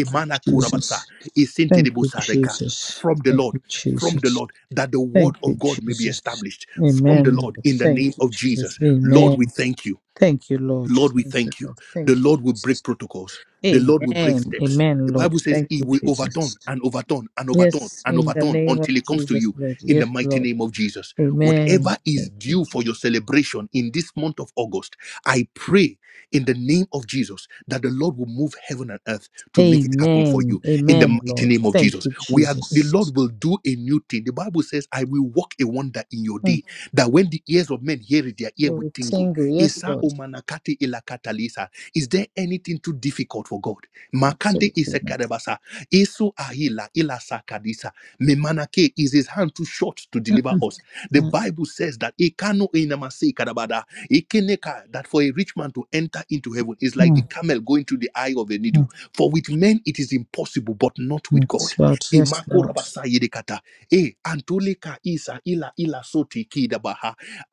A manakua, you, Jesus. a saint Thank you, Jesus. from the Thank Lord, you, from the Jesus. Lord, that the word Thank you, may be Jesus. established. Amen. Lord. In the name Thank you, of Jesus. Jesus, Amen. we thank you. Thank you, Lord. Lord, we Thank you, thank you. Lord. The Thank you, Lord will Jesus. break protocols. The Lord will break. Amen. Amen, The Lord. Bible says, Thank you, overturn Jesus. and overturn and overturn Yes, and in overturn the name of comes to Jesus, you Lord. Yes, in the Lord. name of Jesus. Amen. That is Thank you, due for Jesus. your celebration in this month of August. I pray in the name of Jesus that the Lord will move heaven and earth to Amen. Amen, in the Lord. name of Jesus. Thank you, We are the Jesus. Lord will do a new thing. The Bible says, I will walk a wonder in your day Mm. that when the ears of men hear it, their ear You will will tingle. tingle. Yes, Lord. Omanakati ilakatalisa. Is there anything too difficult for God? Makande Absolutely. Lord. isekadebasa. Isu ahila ilasakadisa. Memanake is his hand too short to deliver. Mm, The mm, mm, Bible says that ikano inamasi kadabada. Ikeneka that for a rich man to enter into heaven is like the mm, camel going through the eye of a needle. mm, For with men it is impossible, but not with God. mm. Lord, yes, Lord. Rabasayirekata. Eh, Antulika Isa Ila Ila Soti Kida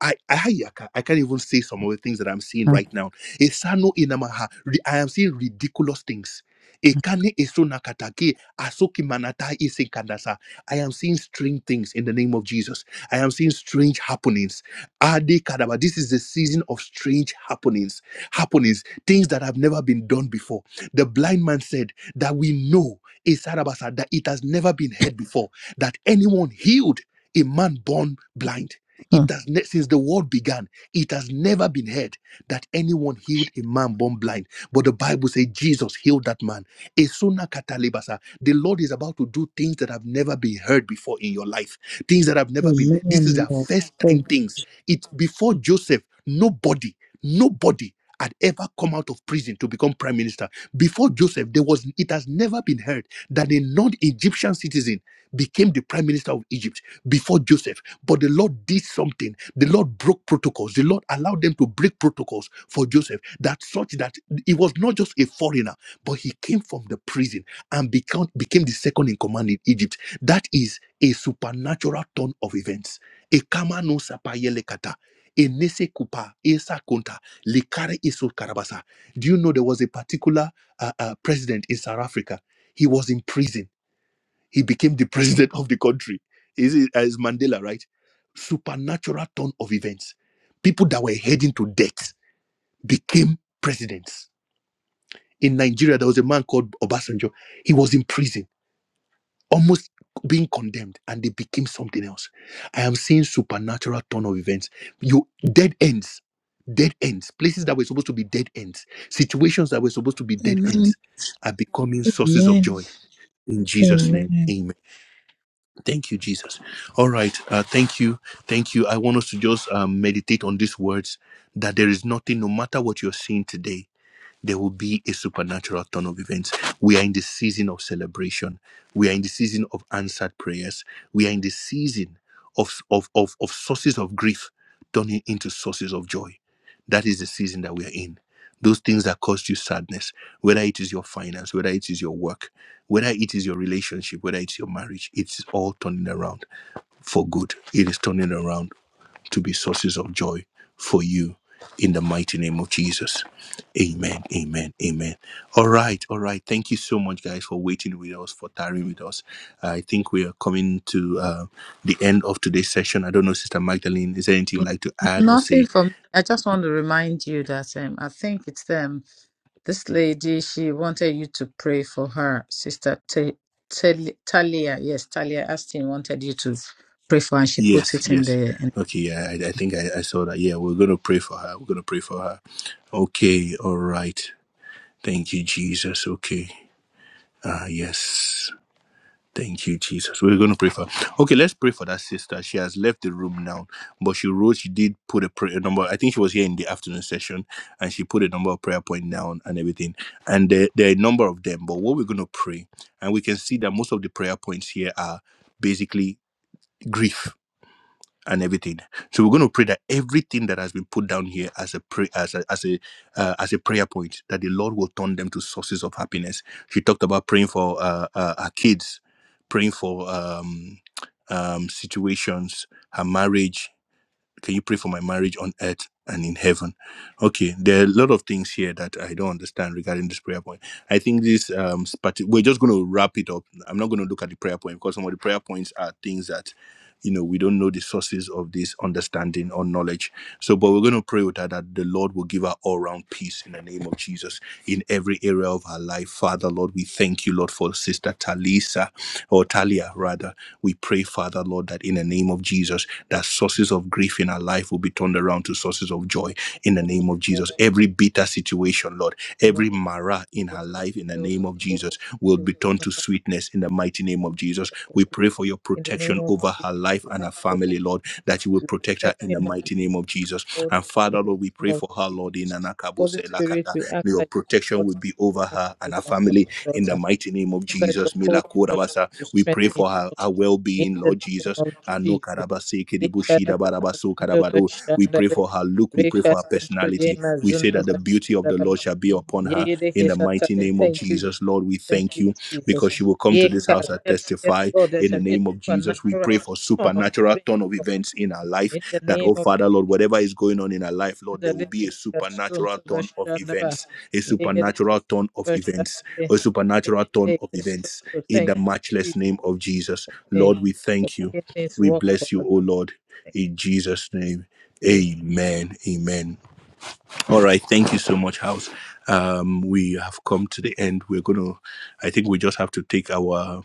I ayaka. I can't even say some of the things that I'm seeing Mm, right now. Esano inamaha. Re- I am seeing ridiculous things. Ekane esonakatake asoki manata isekandasa. I am seeing strange things in the name of Jesus. I am seeing strange happenings. Ade kadaba. This is the season of strange happenings. Happenings, things that have never been done before. The blind man said that we know. Isarabasa, that it has never been heard before that anyone healed a man born blind. It mm. has ne- since the world began, it has never been heard that anyone healed a man born blind. But the Bible says Jesus healed that man. Esuna katalebasa. The Lord is about to do things that have never been heard before in your life, things that have never been Amen, Lord. first time Thank you. things it before Joseph, nobody, nobody had ever come out of prison to become prime minister. Before Joseph, there was it has never been heard that a non-Egyptian citizen became the prime minister of Egypt before Joseph. But the Lord did something. The Lord broke protocols. The Lord allowed them to break protocols for Joseph that such that he was not just a foreigner, but he came from the prison and became, became the second in command in Egypt. That is a supernatural turn of events E kama no sapa yele kata. Enese kupa, e sa konta, likare iso karabasa. Do you know there was a particular uh, uh, president in South Africa? He was in prison. He became the president of the country. Is it as Mandela, right? Supernatural turn of events. People that were heading to death became presidents. In Nigeria, there was a man called Obasanjo. He was in prison almost being condemned and they became something else. I am seeing supernatural turn of events. You dead ends, dead ends, places that were supposed to be dead ends, situations that were supposed to be dead Amen. are becoming so Amen. in Jesus. Amen. Amen. Thank you, Jesus. All right. Uh, thank you. Thank you. I want us to just um, meditate on these words that there is nothing, no matter what you're seeing today, there will be a supernatural turn of events. We are in the season of celebration. We are in the season of answered prayers. We are in the season of, of, of, of sources of grief turning into sources of joy. That is the season that we are in. Those things that caused you sadness, whether it is your finance, whether it is your work, whether it is your relationship, whether it's your marriage, it's all turning around for good. It is turning around to be sources of joy for you in the mighty name of Jesus. Amen. Amen. Amen. All right. All right. Thank you so much, guys, for waiting with us, for tarrying with us. I think we are coming to uh, the end of today's session. I don't know, Sister Magdalene, is there anything you'd like to add? Nothing from I just want to remind you that um, I think it's them. This lady, she wanted you to pray for her. Sister Ta- Tal- Talia, yes, Talia Astin wanted you to pray for her, and she Yes. put it in the. In, Okay. Yeah. I, I think I, I saw that. Yeah. We're going to pray for her. We're going to pray for her. Okay. All right. Thank you, Jesus. Okay. Ah, yes. Thank you, Jesus. We're going to pray for. her. Okay, let's pray for that sister. She has left the room now, but she wrote. She did put a prayer number. I think she was here in the afternoon session, and she put a number of prayer point down and everything. And there, there are a number of them. But what we're going to pray, and we can see that most of the prayer points here are basically grief and everything. So we're going to pray that everything that has been put down here as a pray as a as a uh, as a prayer point that the Lord will turn them to sources of happiness. She talked about praying for uh, uh, her kids, praying for um, um, situations, her marriage, can you pray for my marriage on earth and in heaven? Okay, there are a lot of things here that I don't understand regarding this prayer point. I think this um parti- we're just going to wrap it up. I'm not going to look at the prayer point because some of the prayer points are things that you know we don't know the sources of this understanding or knowledge. So, but we're going to pray with her that the Lord will give her all round peace in the name of Jesus in every area of her life. Father, Lord, we thank you, Lord, for Sister Talisa or Talia rather. We pray, Father, Lord, that in the name of Jesus that sources of grief in our life will be turned around to sources of joy in the name of Jesus. Every bitter situation, Lord, and then every mara in her just the life in the field name of of God, Jesus will you will be turned not to have sweetness in the mighty name of Jesus. to We do. pray for your in the name protection of over Jesus. her life You and have her to family, Lord, that you will you protect her in the strengthen her, you mighty name of Jesus. comfort And in Father, the Lord, we pray name of for her, Lord, in Jesus. Anakabo. Holy Spirit, we ask Your that you protection comfort, will be we over ask her and that her you family in comfort the mighty name of that Jesus. your holy trust Kurabasa. to We pray strengthen your for her, her daughter. well In being, Lord the name Jesus. of and no Jesus. karabase Yekarata Dabarabasu mazunda karaba- bashandare. For her look with Rekasuntu personality. We say yemazunda that the beauty of the bashandara. Lord shall be upon her. Yeyereke In shantare. the name of Thank you, Jesus. Jesus, Lord, we Thank thank you, you Jesus. because she will come to Yeka- Yes, the yes, Lord, Father there in the shall be a name of Jesus supernatural for turn of supernatural events, turn of Lord. events in her life. In the name Oh, of Father, Jesus. Lord, whatever is going on in her life, Lord, there will be a supernatural Rekasuntu turn of bashandara. a Yekereke supernatural turn of events, bashandare. a supernatural turn of Yekereke events suntu. in the Thank you, matchless Jesus. name of Jesus. Amen. Lord, we For thank you. Forgiveness We work for bless a you, oh good Lord, thing. in Jesus' name. Amen. Amen. Amen. All right, thank you so much, House. Um, we have come to the end. We're gonna, I think we just have to take our.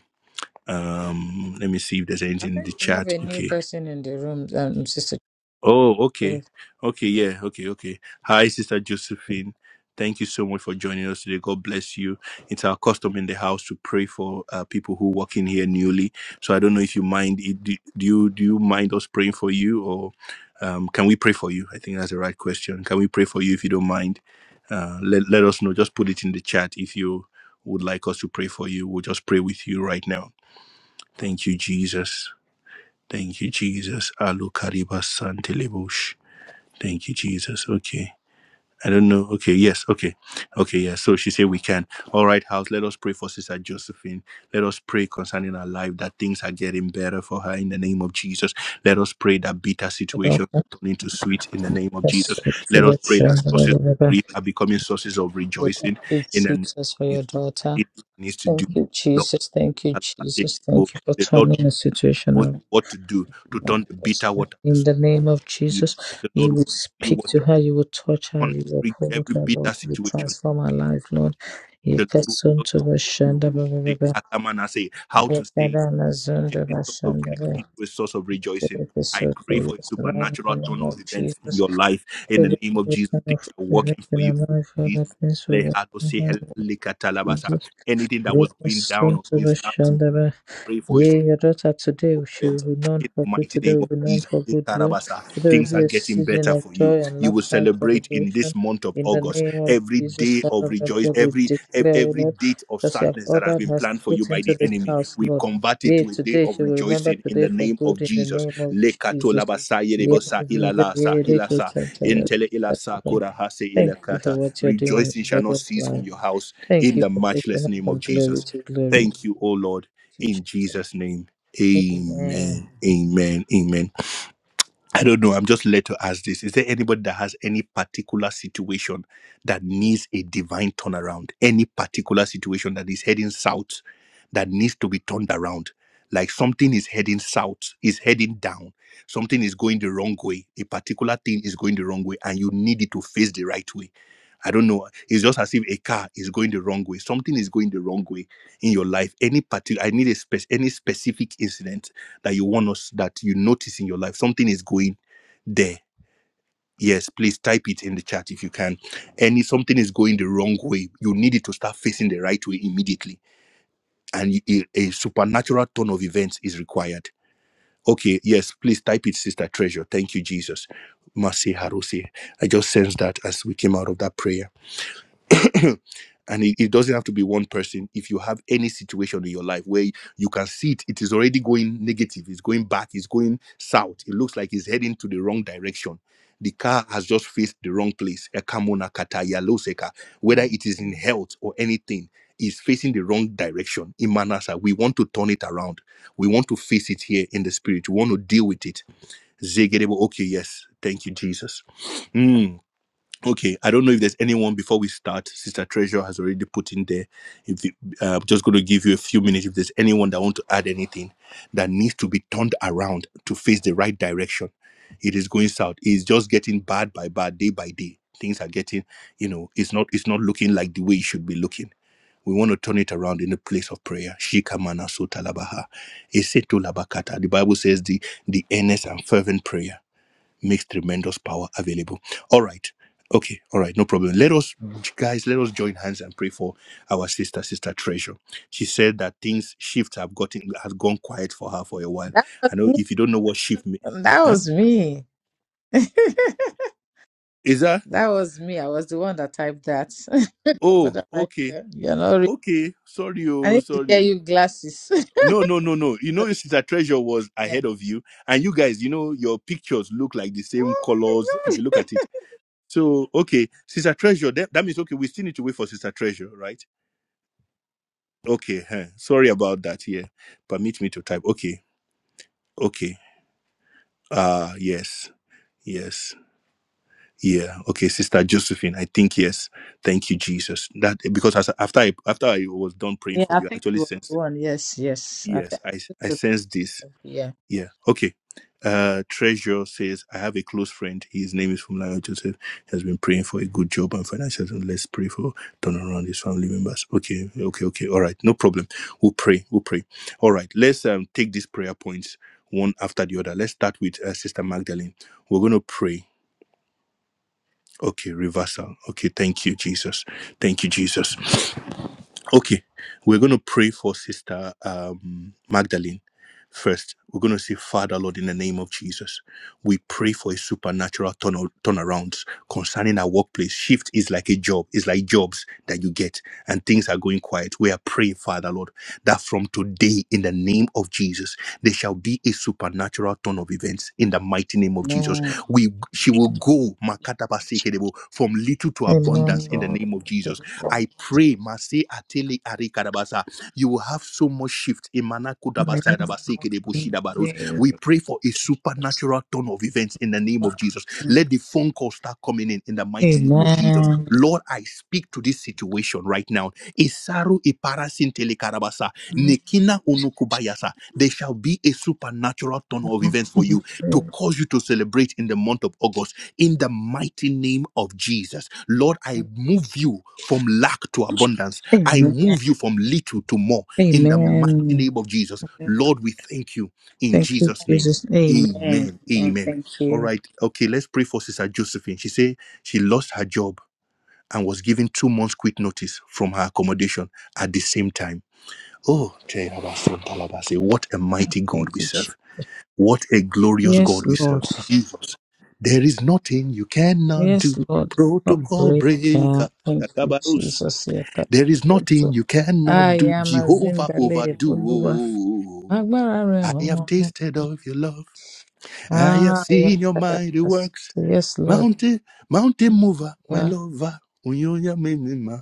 Um, let me see if there's I anything in think the we have chat. a new person in the room, um, Sister. Oh, okay. Chief. Okay, yeah, okay, okay. Hi, Sister Josephine. Thank you so much for joining us today. God bless you. It's our custom in the house to pray for uh, people who walk in here newly. So I don't know if you mind. it- Do do you do you mind us praying for you, or um, can we pray for you? I think that's the right question. Can we pray for you if you don't mind? Uh, let let us know. Just put it in the chat if you would like us to pray for you. We'll just pray with you right now. Thank you, Jesus. Thank you, Jesus. Alu kariba santelebush. Thank you, Jesus. Okay. I don't know. Okay, yes, okay. Okay, yeah. So she said we can. All right, house, let us pray for Sister Josephine. Let us pray concerning her life that things are getting better for her in the name of Jesus. Let us pray that bitter I situation don't know. turn into sweet in the name of Jesus. Yes, for the Pray that correction, blah, blah, blah, blah. we are becoming sources of We rejoice Thank you, in the Jesus, for your daughter. needs to Thank you, Jesus. Thank you, Jesus. Thank you for turning the situation around. what to do to turn the Manifest bitter water. In the name of Jesus, The Lord you will speak to her, you will touch her, you will uphold her, Lord. You transform her life, Lord. Yekasuntu bashanda ba- ba- ba- ba. you man, I say how to Yekadana zundu bashanda ba. be a source of rejoicing, Yekisutu, Yes, Lord, in the supernatural name of event in Jesus. your life in the name of Everything Jesus. of Walking everything on earth, Father, things will work those in her, Lord Likatalabasa. Jesus. anything that was going Rufus down, Shandaba, pray for. Yea, your daughter today shall be known for good. Today will be known for good, Karabata, Lord. Today will be a get in bed. season of joy and You will laughter and celebrate in this celebration. month of In the name of every Jesus, day of Father, Lord rejoice, God, we declare, O Lord, every date of because you have ordered us plan for you. put into this house, We Lord. convert it Yea, today she will remember today in the for name of good in the name of Jesus. Lekatolabasa Yea, Yerebosa Ilala Mazinda, yea, Rufus Shandaba. Intele Ila Sakura Hase Ila. Thank you for what you're doing This in shall your not daughter's life. be your house Thank in you the for taking matchless us name of from Jesus. glory to glory. Thank you, O Lord, in Jesus' name. Amen. Amen. Amen. Amen. I don't know. I'm just led to ask this. Is there anybody that has any particular situation that needs a divine turnaround? Any particular situation that is heading south that needs to be turned around? Like something is heading south, is heading down. Something is going the wrong way. A particular thing is going the wrong way, and you need it to face the right way I don't know. It's just as if a car is going the wrong way. Something is going the wrong way in your life. Any particular, I need a spec, any specific incident that you want us that you notice in your life. Something is going there. Yes, please type it in the chat if you can. Any something is going the wrong way. You need it to start facing the right way immediately, and y- a, a supernatural turn of events is required. Okay, yes, please type it, Sister Treasure. Thank you, Jesus. Mercy, Haruse. I just sensed that as we came out of that prayer. and it, it doesn't have to be one person if you have any situation in your life where you can see it it is already going negative it's going back it's going south it looks like it's heading to the wrong direction the car has just faced the wrong place Ekamona kataya loseka. whether it is in health or anything is facing the wrong direction Imanasa. we want to turn it around we want to face it here in the spirit we want to deal with it Zegedebo. okay yes thank you jesus Hmm. Okay, I don't know if there's anyone before we start. Sister Treasure has already put in there. If you, uh, I'm just going to give you a few minutes, if there's anyone that want to add anything that needs to be turned around to face the right direction, it is going south. It's just getting bad by bad, day by day. Things are getting, you know, it's not it's not looking like the way it should be looking. We want to turn it around in a place of prayer. Shikamana sotalabaha, esetolabakata. The Bible says the the earnest and fervent prayer makes tremendous power available. All right. Okay. All right. No problem. Let us, guys, let us join hands and pray for our sister, Sister Treasure. She said that things shift have gotten, has gone quiet for her for a while. That was me. If you don't know what shift means, That was me. is that? that was me. I was the one that typed that. Oh, Brother Michael, okay. you're not real. Okay. Sorry. I Oh, need to get you glasses. Oh, no, no, no. You So, know, Sister Treasure was yeah. ahead of you. And you guys, you know, your pictures look like the same Oh my colors. God. So, okay. Sister Treasure, that, that means, okay, we still need to wait for Sister Treasure, right? Okay, huh. sorry about that. Yeah, permit me to type. Okay, okay. Ah, yes, yes, yeah. Okay, Sister Josephine, I think yes. Thank you, Jesus. That because as, after I, after I was done praying Yeah, for I you, I think you actually were the sensed one. Yes, yes. I yes, think. I I sensed this. Yeah. Yeah. Okay. Uh, Treasure says, I have a close friend. His name is Fumlayo Joseph. He has been praying for a good job and financial. And let's pray for turnaround his family members. Okay. Okay. Okay. All right. No problem. We'll pray. We'll pray. All right. Let's um, take these prayer points one after the other. Let's start with uh, Sister Magdalene. We're going to pray. Okay. Reversal. Okay. Thank you, Jesus. Thank you, Jesus. Okay, we're going to pray for Sister um, Magdalene first. We're going to say, Father, Lord, in the name of Jesus, we pray for a supernatural turn- turnaround concerning our workplace. Shift is like a job, it's like jobs that you get, and things are going quiet. We are praying, Father, Lord, that from today, in the name of Jesus, there shall be a supernatural turn of events in the mighty name of Jesus. Amen. We she will go makata pasekedebo, from little to abundance Amen, in the Lord. name of Jesus. I pray, Masi Ateli Ari Karabasa, you will have so much shift in Manako Daba- Amen. Sekedeboshidabaros. We pray for a supernatural turn of events in the name of Jesus. Let the phone call start coming in in the mighty. Lord, I speak to this situation right now. Isaru iparasin telekarabasa, nekina onukubayasa. There shall be a supernatural turn of events cause you to celebrate in the month of August in the mighty name of Jesus. Lord, I move you from lack to abundance. I Amen. move you from little to more. In the Amen. name of Jesus, Lord, we thank you in Thank you, Jesus. Amen. Jesus. Amen. Amen. Thank All you. right. Okay, let's pray for Sister Josephine. She said she lost her job and was given two months quit notice from her accommodation at the same time. Oh, what a mighty God. Thank you. Jesus. What a glorious Yes, Lord. Jesus. There is nothing you cannot Yes, Lord. A Protocol break. breaker. Thank you, Akabarus. Jesus. Yeka- There is nothing you cannot I am a Jehovah zindale. Oluwa. overdo. Agbára rẹ̀ I've ọ̀wọ́n. Tasted of your love, Ah, yes, seen your Father. mighty yes, works. Yes, Lord. Mountain, mountain mover, my Yeah. lover. Unyonya menema.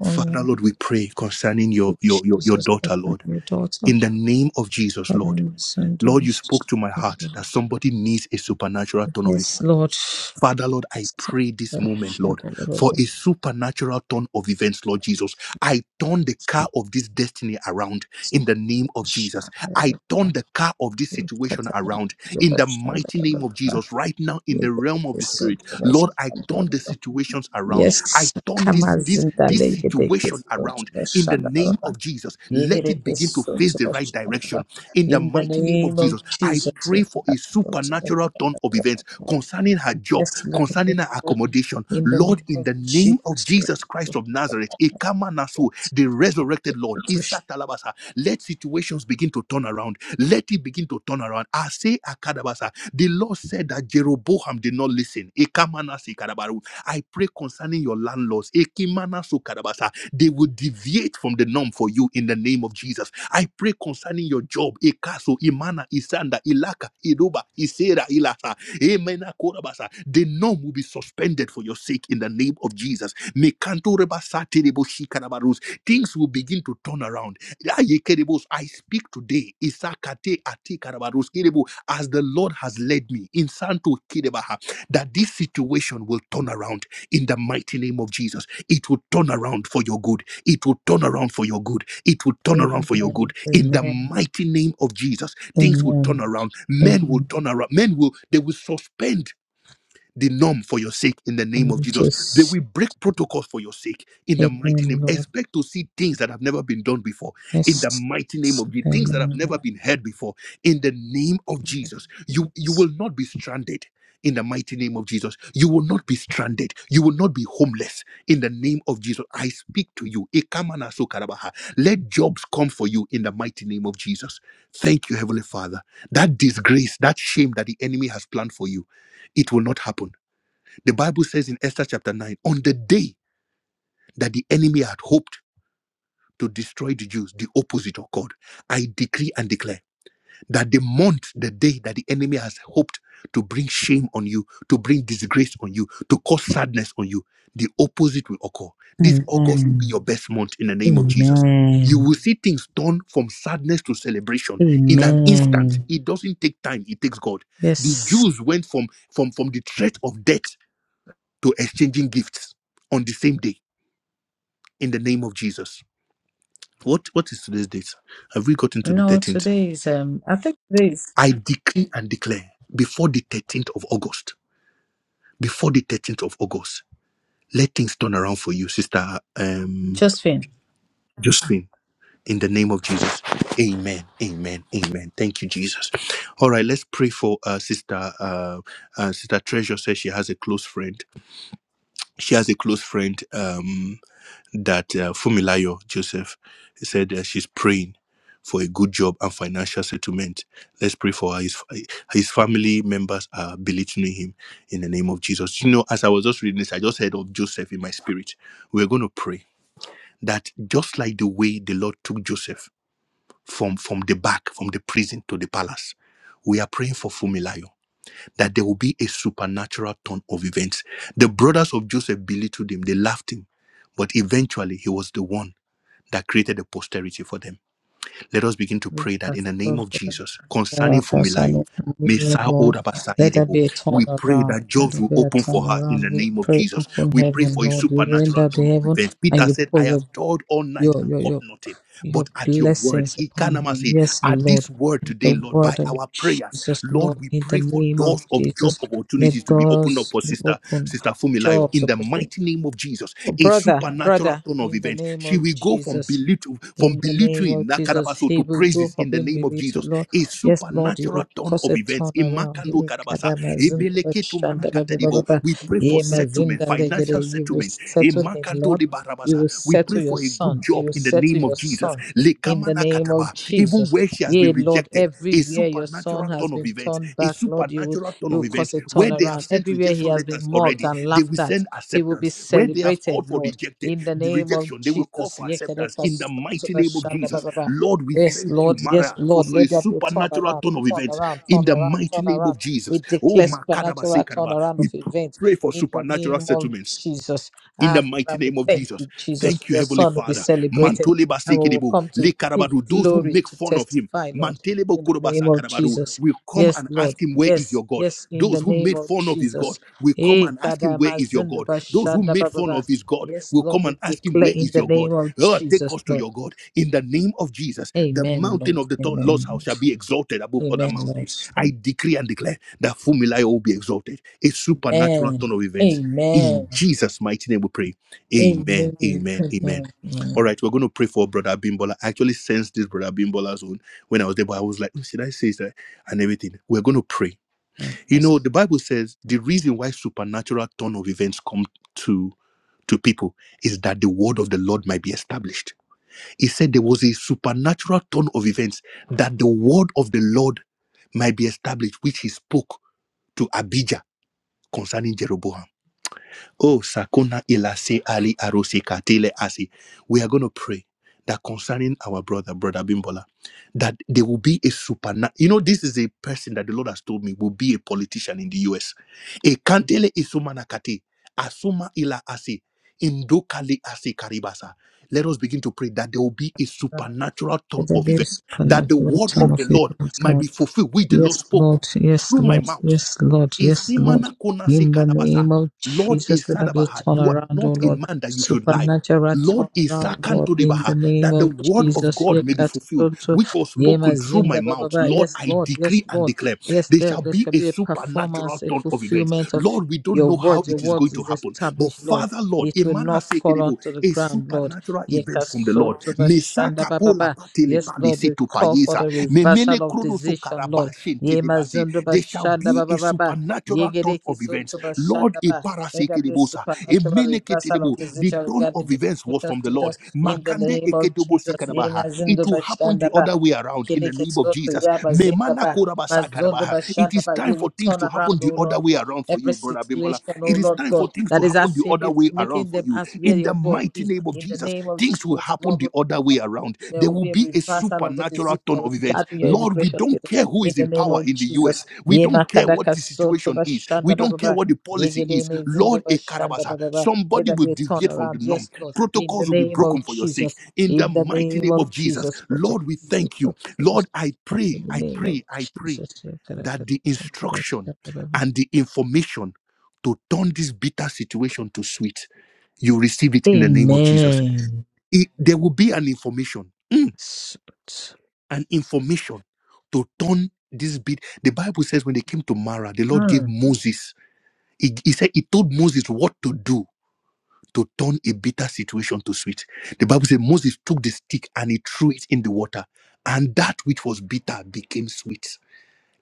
Oh, Father, yeah. Lord, we pray concerning your, your, your, your Jesus, that daughter, my Lord, new daughter. in the name of Jesus, Lord. Father, my son, do Lord, you this. spoke to my heart that somebody needs a supernatural turnaround. Yes, Lord. Father, Lord, I Yes, pray this moment, Lord, for a Lord. supernatural turn of events, Lord Jesus. I turn the car of this destiny around in the name of Yes, Jesus. I turn the car of this situation around in the mighty name of Jesus. Right now, in the realm of the Spirit, Lord, I turn the situations around. I turn this Kamaz in the lake, they situation kiss to around the in the name Shalaba. of Jesus. Yigre To kiss to face the the right direction Shalaba. in the In the name of Jesus, pray you for a cast out to the supernatural turn of events Shalaba. concerning her job, yes, Lord, yes, concerning her Lord, accommodation. in the name Lord, in of the name of Jesus, you Jesus Christ of Nazareth, Ekama Nasu, the resurrected Lord, push. Isa Talabasa, let situations begin to turn around. Let it begin to turn around. I say Akadabasa, the Lord said that Jeroboam did not listen. Ekama Nasi Kadabaru. I pray concerning your landlords. Ekimana Su Kadabasa. They will deviate from the norm for you in the name of Jesus. I pray concerning your job, Ekaso, Imana, Isanda, Ilaka, Iruba, Isera, Ilasa, Emena, Korabasa. The norm will be suspended for your sake in the name of Jesus. Mekanto reba saterebo shikarabarus. Things will begin to turn around. Ayekerebos, I speak today, Isakate ati atikarabarus kerebo, as the Lord has led me in Santo Kidebaha, that this situation will turn around in the mighty name of Jesus. It will turn around for your good. It will turn around for your good. It will turn around for your Amen, good. amen, In the mighty name of Jesus, they will turn amen, around. Men will amen. turn around. Men will, they will suspend the norm for your sake in the name of I'm Jesus. They just, will break protocols for your sake in the amen, Lord. expect to see things that have never been done before in the Yes. mighty name of Jesus have never Amen. been heard before in the name of jesus you you will not be stranded in the mighty name of jesus you will not be stranded you will not be homeless in the name of jesus i speak to you Ekamana sokarabaha. let jobs come for you in the mighty name of jesus thank you heavenly father that disgrace that shame that the enemy has planned for you it will not happen the bible says in esther chapter 9 on the day that the enemy had hoped to destroy the jews the opposite occurred i decree and declare that the month, the day that the enemy has hoped to bring shame on you, to bring disgrace on you, to cause sadness on you, the opposite will occur. This is Amen. Your best month in the name of you Amen. will see things turn from sadness to celebration. Amen. It doesn't take time, it takes God. The Yes. Jews went from from from the threat of death to exchanging gifts on the same day in the name of Jesus. What what is today's date? Have we gotten to the No, today is um I think today is I decree and declare before the 13th of August, before the 13th of August. Let things turn around for you, Sister um, just fin. Josephine. In the name of Jesus. Amen. Amen. Amen. Thank you, Jesus. All right, let's pray for uh, Sister uh, uh, Sister Treasure says she has a close friend. She has a close friend um, that uh, Fumilayo Joseph said uh, she's praying for a good job and financial settlement. Let's pray for her. His, his family members are belittling him in the name of Jesus. You know, as I was just reading this, I just heard of Joseph in my spirit. We're going to pray that just like the way the Lord took Joseph from, from the back, from the prison to the palace, we are praying for Fumilayo that there will be a supernatural turn of events. The brothers of Joseph belittled him, they laughed him, but eventually he was the one that created a posterity for them. Let us begin to Lord, pray that in the name of Jesus, concern Messiah Orabasai, let there be a pray turnaround. that Let Joseph there be a in turnaround. the We name of Jesus pray upon heaven, Lord. You render the heaven be and you pour your told all night your your your nothing. your blessings upon Ikanama's him. Yes, Lord. word In today, The word of our prayers, Jesus, Lord, Lord, in the name of doors of Jesus, opportunity let open up doors for be open, Sister Fumilayo jobs, in the opportunity. mighty name of Jesus. In Brother, brother, that Turn of in the events name she of will go from Jesus. belittle, from In the name belittling of Jesus, He will praises go up in in the name of belief Jesus. Lord. A super Yes, Lord, You will turn of cause a turnaround. Kano He- Karabas. Kadama Ebeleke, Pray for Ye ma zinda legere. You will settle him, Lord. Barabas You a will settle your good son. You job will in the settle name of your Jesus. son. Leka, In the name of even Jesus. where she has been Yea, Lord, everywhere your son a has turn of been event, turned back, Lord, you will a turn you of event, will cause a where they turnaround. Everywhere he has been mocked and laughed at, send a he will be celebrated, Lord. subjected, In the name of they will call Jesus. in the mighty name of Jesus. Lord with Yes, Lord. Yes, Lord. Let there be a turn supernatural around, turn of turn event, in around, turn the around, mighty name turn around. of We Jesus. Oh, declare my, supernatural turnaround of events pray for in the supernatural name of servants Jesus. in Ah, the mighty Father, we name of Jesus. thank you, Jesus, for your son will be celebrated Tolebasi, and we will come to give Lekarabadu, those who glory make to fun of him, testify, Lord, and Telebo in the Korobasa name of Jesus. will come and Yes, Lord. ask him, Where is Yes, your God? yes, in Those the who name make of fun of his God Jesus. will come Eh, him, Where kadama is zindu those who bashanda made ba ba fun ba. of his God Yes, will Lord, come we and ask, declare in the name of Oh, take Jesus, Lord. your God in the name of Jesus. The Amen, mountain Lord. of the Lord's Amen, house shall Lord. be exalted above. Amen, Lord. us. I decree and declare that Fumilayo will be exalted. A supernatural Amen. turn of events. Amen. Jesus' mighty name we pray. Amen. Amen. Amen. Amen. Amen. All Amen. right, we're going to pray for Brother Abimbola. I actually sensed this Brother Abimbola's own when I was there, but I was like, "Hmm, should I say that? And everything. We're going to pray. You Yes, know, the Bible says the reason why supernatural turn of events come to to people is that the word of the Lord might be established. He said there was a supernatural turn of events that the word of the Lord might be established, which he spoke to Abijah concerning Jeroboam. Oh, Sakuna Ilase Ali Arose Katele Asi. We are going to pray that concerning our brother, brother Bimbola, that there will be a supernatural. You know, this is a person that the Lord has told me will be a politician in the US. A Kantele Isuma Nakate, Asuma Ila Asi, Indokali Asi Karibasa. Let us begin to pray that there will be a Lord. supernatural turn, Let there be a that the supernatural word turn of events, Lord. fulfill with the Yes, Lord. Lord Yes, through my Lord. Yes, Lord. Yes, Lord. Makona say, In the name of Lord, Jesus, let there be a turnaround, oh Lord. man that you should, Supernatural Lord, is turnaround, second Lord. to the In the name of word of Jesus. God, fulfilled, Yekasoto, which was yemazinda, ba, ba, ba. Yes, Lord. Yes, Lord. declare. Yes, there, there shall be a performance, a fulfillment of Lord, we don't your words. Your words is know. established, Lord. Father, Lord, it It will not fall onto the is ground, Lord. natural events from the Lord. Yekasoto, ba, May shanda, ba, ba, ba. satele Yes, Lord, we pa- call for the may mele reversal of decision, Lord Ye mazundo It shall be bashanda ba ba ba ba. a natural Ye gereke of sunto events. Lord, bashanda a ba. Let there be parasekebosa, a supernatural meneke. reversal of The decision turn of regarding the events was relationship from the Lord. status in Makobo the name of Jesus. Ye mazundo bashanda ba. Other way around. It- Gereke sunto ya mazinda Memana ba. korabasa. Mazondo bashanda ba. You will turn around, oh Lord Other way God, around for every you, brother. Bim. situation, oh It is the Lord God, that is asking other people, way making them around. ask where In the your God mighty is. name of In Jesus, the name of things will Jesus, happen Lord, we the other turn way around around. there There will will be a be reversal of the natural decision turn of events. regarding your Lord, we immigration don't status. care who In is. the name of in the US. Jesus. We Ye makadaka soto bashanda hear baba. what the policy, Yegede me Lord, zindo a caraba. bashanda baba. Let Somebody there be a turnaround. Yes, Lord. In the protocols will name come of for your sake. Jesus. In the In the name of Jesus. Protect Lord, we you, thank you. protect Lord, us. I pray, In the I name of pray, I pray Jesus. that Yakadaka the soto instruction bashanda baba. and the information to turn this bitter situation to sweet, you receive it. Amen. It- there will be an information, mm, an information to turn this bit. The Bible says when they came to Mara, the Lord gave Mm. Moses. He, he said he told Moses what to do to turn a bitter situation to sweet. The Bible says Moses took the stick and he threw it in the water, and that which was bitter became sweet.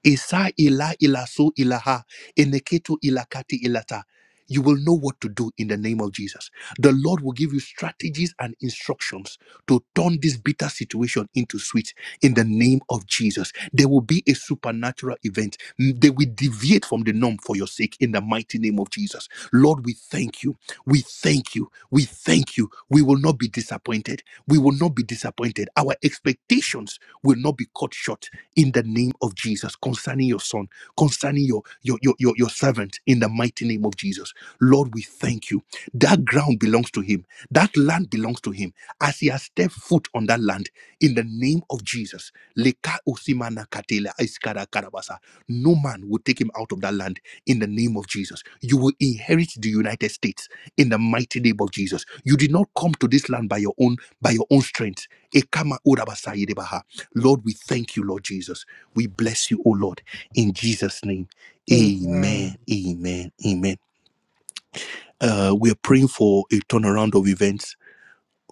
Isa ila ilasu ilaha eneketu ilakati ilata. You will know what to do in the name of Jesus. The Lord will give you strategies and instructions to turn this bitter situation into sweet in the name of Jesus. There will be a supernatural event. Mm, They will deviate from the norm for your sake in the mighty name of Jesus. Lord, we thank you. We thank you. We thank you. We will not be disappointed. We will not be disappointed. Our expectations will not be cut short in the name of Jesus concerning your son, concerning your your your your, your servant in the mighty name of Jesus. Lord, we thank you. That ground belongs to him. That land belongs to him. As he has stepped foot on that land in the name of Jesus. Leka usimana katela iskara karabasa. No man will take him out of that land in the name of Jesus. You will inherit the United States in the mighty name of Jesus. You did not come to this land by your own by your own strength. Ekama urabasa yedebaha. Lord, we thank you, Lord Jesus. We bless you, O Lord, in Jesus' name. Amen. Amen. Amen. Amen. Uh, we are praying for a turnaround of events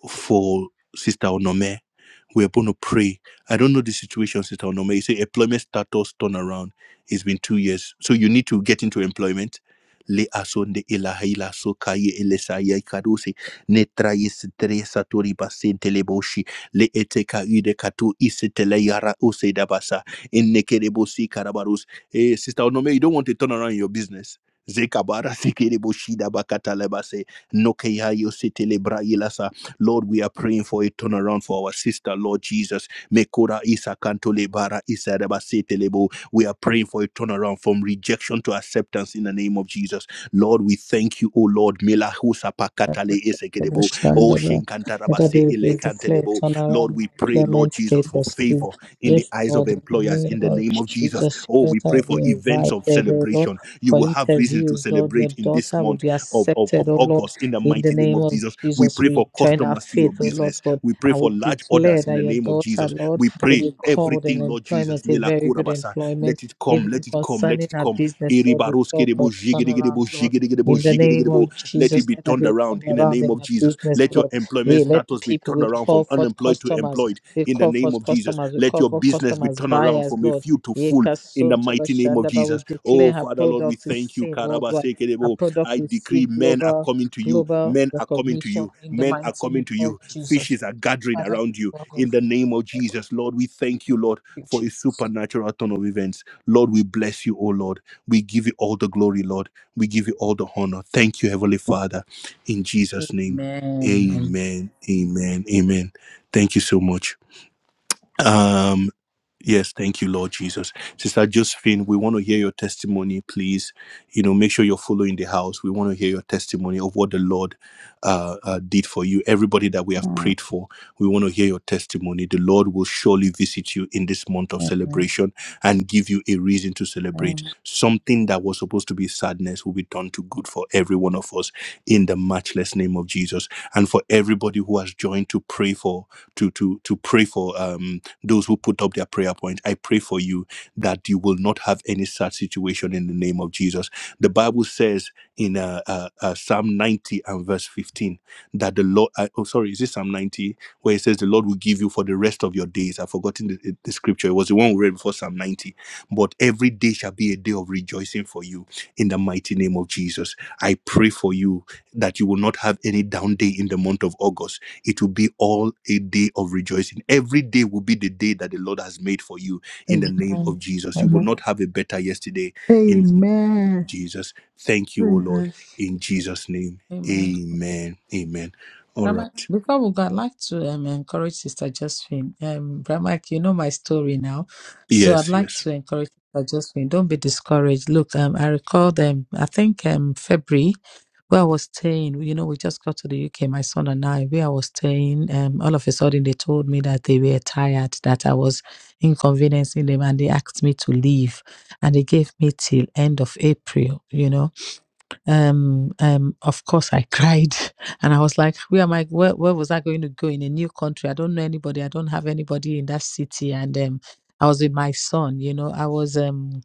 for Sister Onome. We're going to pray. I don't know the situation, Sister Onome. You say employment status turnaround. It's been two years. So you need to get into employment. Le asonde ilaha so kaye ele sa ne traye sitere satori basente le le eteka ude kato isetele yara ose dabasa in nekere karabarus. Eh, Sister Onome, you don't want to turn around in your business. Zekabara sekere dabakata lebase no ke yo Lord, we are praying for a turnaround for our sister, Lord Jesus. Mekora isa kantole bara isa reba setelebo. We are praying for a turnaround from rejection to acceptance in the name of Jesus. Lord, we thank you, O Lord. Mela husa pakatale eseke. O Shandaba, let shinkantaraba. there be we declare turnaround Lord, we pray, Lord employment Jesus, for status. favor Please, in the yes, eyes of Lord, in the employers name in the of name of Jesus. Jesus, Oh, let we, her be invited, O Lord, you for will have to interviews, celebrate Lord. Your daughter will be of accepted, O Lord, us in the in mighty the name of of Jesus. Jesus. We Because join our faith, O Lord God, we pray and we for large declare that in the your name of Jesus. daughter, Lord, We will pray be every called in employment, a very good employment. it come, Even let it come. concerning our business, Lord, we call for a turnaround, Lord. In the name of Let it Jesus, let there turn be a around in the turnaround name in of our Jesus. business, Lord. Employment We let people, we turn around from call forth customers, employed we in the call name. forth customers, we Let call your forth customers, turn around buyers, from a few Lord. to full Yeka in the son to the mighty name of Jesus. Shandaba, we Oh, declare her Father, Lord, we product is thank you. seen worldwide. Her Kirikiribu. product Decree receive men are global, coming to you. global Men to recognition you. in the Men are mighty coming name to of you. Jesus. Fishes are gathering Father, around you. Lord, we In the name of thank you, Jesus, Lord, we thank you, Lord, Thank for a you, Jesus. supernatural turn of events. Lord, we bless you, O Lord. We give you all the glory, Lord. We give you all the honor. Thank you, Heavenly Father. In Jesus' name, Amen. amen, amen, amen. Thank you so much. Um, Yes, thank you, Lord Jesus. Sister Josephine, we want to hear your testimony, please. You know, make sure you're following the house. We want to hear your testimony of what the Lord uh, uh, did for you. Everybody that we have Amen. prayed for, we want to hear your testimony. The Lord will surely visit you in this month of celebration and give you a reason to celebrate. Amen. Something that was supposed to be sadness will be done to good for every one of us in the matchless name of Jesus. And for everybody who has joined to pray for, to to to pray for. um those who put up their prayer point, I pray for you that you will not have any such situation in the name of Jesus. The Bible says in uh, uh, uh, Psalm 90 and verse 15 that the Lord, uh, oh, sorry, is this Psalm 90 where it says the Lord will give you for the rest of your days? I've forgotten the, the scripture. It was the one we read before Psalm 90. But every day shall be a day of rejoicing for you in the mighty name of Jesus. I pray for you that you will not have any down day in the month of August it will be all a day of rejoicing. Every day will be the day that the Lord has made for you in the name of Jesus. You will Amen. not have a better yesterday, Amen. Jesus. Thank you Amen. in Jesus' name. Amen. Amen. Amen. All right. Ramak, before we go, I'd like to um, encourage Sister Josephine. Um, Ramak, you know my story now. Yes. So I'd like to encourage Sister Josephine. Don't be discouraged. Look, um, I recall them, I think um, February, where I was staying. You know, we just got to the UK, my son and I, where I was staying. Um, all of a sudden, they told me that they were tired, that I was inconveniencing them, and they asked me to leave. And they gave me till end of April, you know um um of course i cried and i was like where am i where, where was i going to go in a new country i don't know anybody i don't have anybody in that city and um i was with my son you know i was um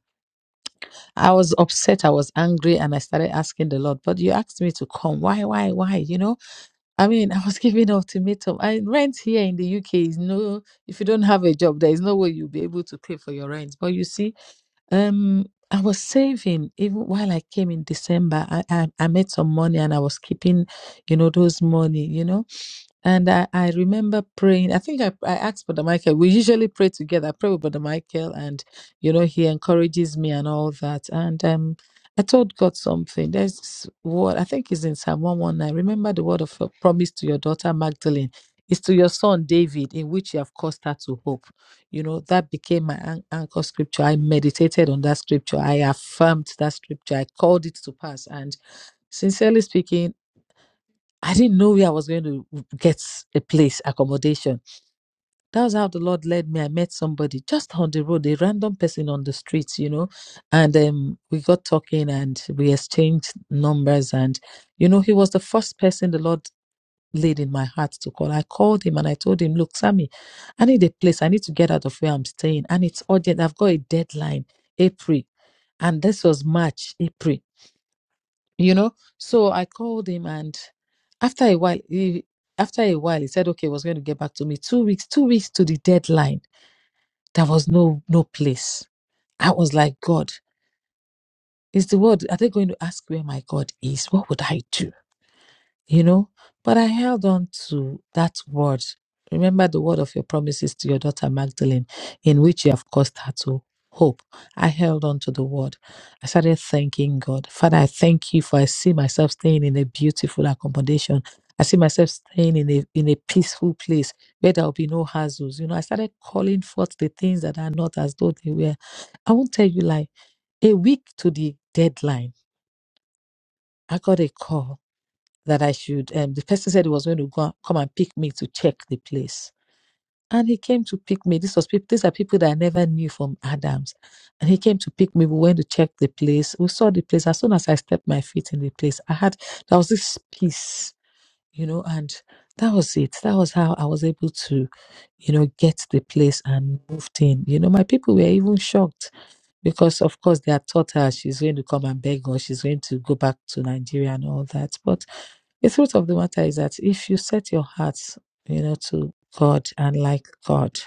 i was upset i was angry and i started asking the lord but you asked me to come why why why you know i mean i was giving ultimatum i rent here in the uk is no if you don't have a job there is no way you'll be able to pay for your rent but you see um, I was saving even while I came in December. I, I I made some money and I was keeping, you know, those money, you know. And I, I remember praying. I think I, I asked Brother Michael. We usually pray together. I pray with Brother Michael, and you know he encourages me and all that. And um, I told God something. There's this word I think is in Psalm one one nine. Remember the word of a promise to your daughter Magdalene. It's to your son David, in which you have caused her to hope. You know that became my an- anchor scripture. I meditated on that scripture. I affirmed that scripture. I called it to pass. And sincerely speaking I didn't know where I was going to get a place, accommodation. That was how the Lord led me. I met somebody just on the road, a random person on the streets, you know, and um, we got talking and we exchanged numbers. And, you know, he was the first person the Lord laid in my heart to call. I called him and I told him, Look, Sammy, I need a place. I need to get out of where I'm staying. And it's urgent. I've got a deadline, April. And this was March, April you know so i called him and after a while he after a while he said okay he was going to get back to me two weeks two weeks to the deadline there was no no place i was like god is the word are they going to ask where my god is what would i do you know. But I held on to that word. Remember the word of your promises to your daughter Magdalene, in which you have caused her to hope. I held on to the word. I started thanking God. Father, I thank you for I see myself staying in a beautiful accommodation. I see myself staying in a in a peaceful place where there will be no hassles. You know, I started calling forth the things that are not as though they were. I won't tell you like a week to the deadline. I got a call that I should. Um, the person said he was going to go, come and pick me to check the place, and he came to pick me. This was peop these are people that I never knew from Adams, and he came to pick me. We went to check the place. We saw the place. As soon as I stepped my feet in the place, I had there was this peace you know and that was it that was how i was able to you know get to the place and moved in you know my people were even shocked because of course they had taught her she's going to come and beg or she's going to go back to nigeria and all that but the truth of the matter is that if you set your heart you know to god and like god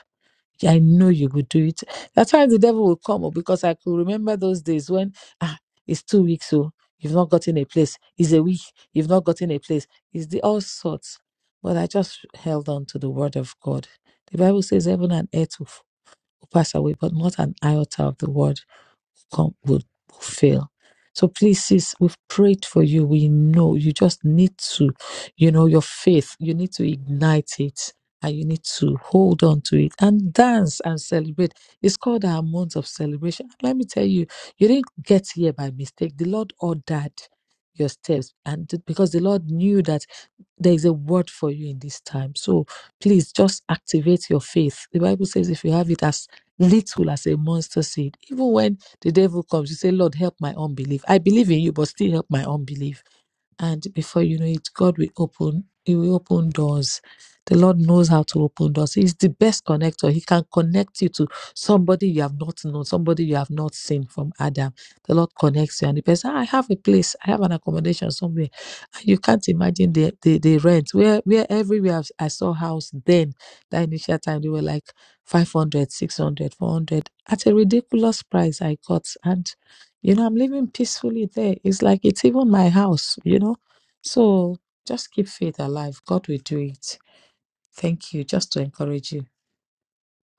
I know you could do it. That's why the devil will come oh, because I could remember those days when ah, it's two weeks, so you've not gotten a place. It's a week, you've not gotten a place. It's the all sorts. But I just held on to the word of God. The Bible says heaven and earth will pass away, but not an iota of the word come would will fail. So please, sis, we've prayed for you. We know you just need to, you know, your faith, you need to ignite it and you need to hold on to it and dance and celebrate. It's called our month of celebration. Let me tell you, you didn't get here by mistake. The Lord ordered your steps and th- because the Lord knew that there is a word for you in this time. So please just activate your faith. The Bible says if you have it as little as a monster seed, even when the devil comes, you say, Lord, help my unbelief. I believe in you, but still help my unbelief and before you know it god will open he will open doors the lord knows how to open doors he's the best connector he can connect you to somebody you have not known somebody you have not seen from adam the lord connects you and the person "Ah, i have a place i have an accommodation somewhere and you can't imagine the the, the rent where where everywhere I've- i saw house then that initial time they were like 500, 600, 400. at a ridiculous price i got and you know, I'm living peacefully there. It's like it's even my house, you know? So just keep faith alive. God will do it. Thank you. Just to encourage you.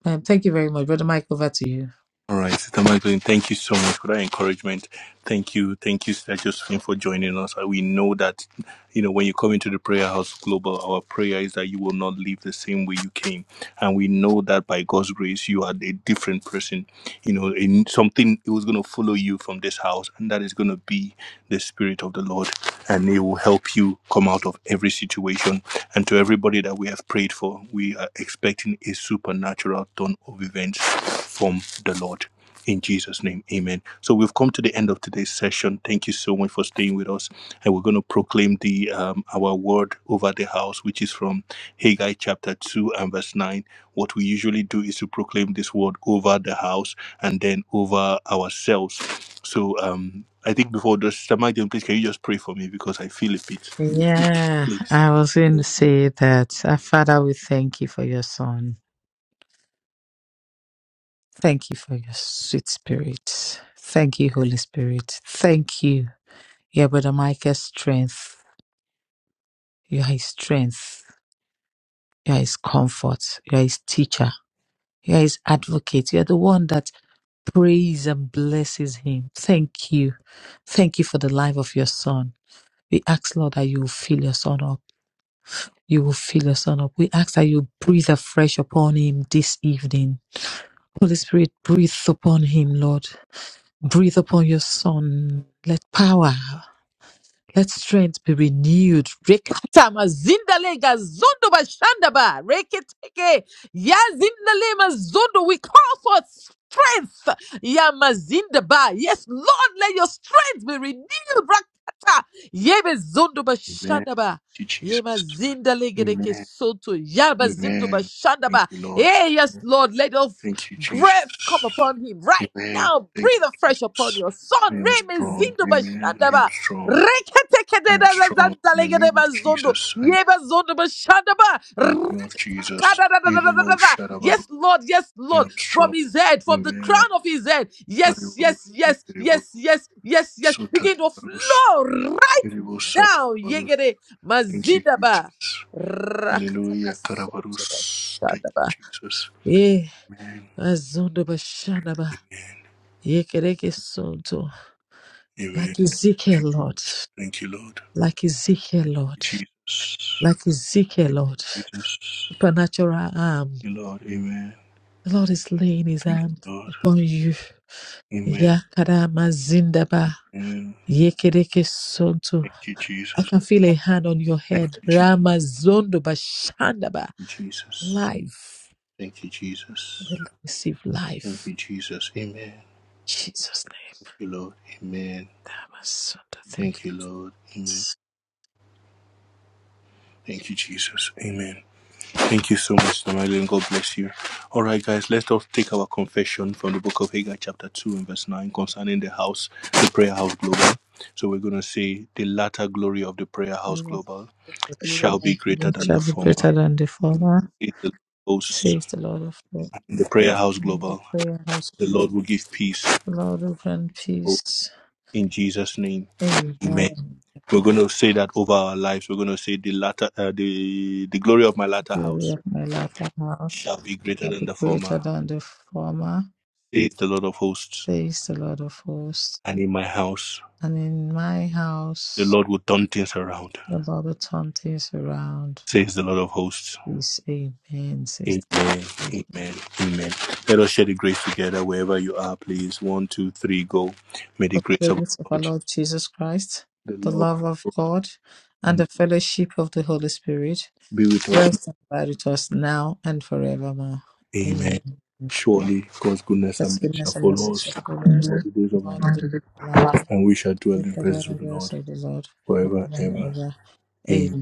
Um, thank you very much. Brother Mike, over to you. All right, Sister Magdalene, thank you so much for that encouragement. Thank you, thank you, Sister Josephine, for joining us. Uh, We know that, you know, when you come into the Prayer House Global, our prayer is that you will not leave the same way you came, and we know that by God's grace, you are a different person. You know, in something it was going to follow you from this house, and that is going to be the Spirit of the Lord, and it will help you come out of every situation. And to everybody that we have prayed for, We uh, expecting a supernatural turn of events from the Lord. In Jesus' name, amen. So we've come to the end of today's session. Thank you so much for staying with us. And we're going to proclaim the um, our word over the house, which is from Haggai chapter 2 and verse 9. What we usually do is to proclaim this word over the house and then over ourselves. So um, I think before this, Sister Magdalene, please can you just pray for me because I feel a bit. Yeah, I was going to say that. Uh, Father, we thank you for your son. Thank you for your sweet spirit. Thank you, Holy Spirit. Thank you. Yeah, Brother Michael's strength. You are his strength. You are his comfort. You are his teacher. You are his advocate. You are the one that prays and blesses him. Thank you. Thank you for the life of your son. We ask, Lord, that you will fill your son up. You will fill your son up. We ask that you breathe afresh upon him this evening. Holy Spirit, breathe upon him, Lord. Breathe upon your son. Let power let strength be renewed. Rekata mazindale gazondo bashandaba. Reketeke yazindale mazondo. We call for strength. Ya mazindaba. Yes, Lord, let your strength be renewed. Rakata yebe zondo Amen. bashandaba. Thank you, Jesus. Yema zindale gedeke soto. Yaba zindo Amen. bashandaba. Lord, Eh, yes, Lord, let your thank you, Jesus. breath come upon him right Amen. now. Breathe afresh upon your son. Reme zindo bashandaba. strong. Ketekededezantalegedemazondo. Yebazondobashandaba. In the name of Jesus, Rakadadadadadadada. Yes, Lord, yes, Lord, I'm strong. from his head, from the crown of his head. Yes, yes, yes, yes, yes, yes, yes. Begin to flow right We now. Yegede mazidaba. Hallelujah. Rakatakasotaba. Karabarus. Shandaba. Jesus. Eh, Amen. azondaba shandaba. Amen. Yekereke sonto. Amen. Like Ezekiel, Lord. Thank you, Lord. Like Ezekiel, Lord. Jesus. like Ezekiel, Lord, Jesus. supernatural arm. Thank you, Lord. Amen. The Lord is laying his hand Lord. upon you. Amen. Yakada mazindaba. Thank Yekereke sonto. you, I Jesus. can feel a hand on your head. Ramazondo bashandaba. Jesus. Life. Thank you, Jesus. We receive Thank life. you, Jesus. Amen. Thank Jesus' name. you, Lord. Amen. Ramazondo. Thank Thank you, Lord. Amen. Thank you, Jesus. Amen. Thank you so much, Namali, and God bless you. All right, guys, let's all take our confession from the book of Haggai, chapter 2, and verse 9, concerning the house, the prayer house global. So we're going to say, The latter glory of the prayer you. house the Lord global shall be of great. heaven shall be greater than the former, in The hosts, says the Lord of the, the prayer house the global, prayer house. the The Lord will give peace Lord, grant peace. in Jesus' name. Amen. Amen. We're going to say that over our lives. We're going to say, The latter, uh, the, the glory of my latter glory of my life and house shall be greater shall than be the greater than the former, says the Lord of hosts, says the Lord of hosts. and in my house. And in my The house Lord will turn things around shall all the turn things around. says the Lord of hosts. peace. amen, says Amen. the Lord. of hosts. Amen. Amen. Let us share the grace together wherever you are, please. One, two, three, go. May the grace The grace of our Lord Jesus Christ, of the the Lord love of God, and the fellowship of the Holy Spirit be with us. rest and abide with us now and forevermore. Amen. Amen. Surely God's goodness shall That's goodness and follow message us of all followers. the days of our life, and we shall dwell Let in the revenue prayer say the Lord forever forever. and ever.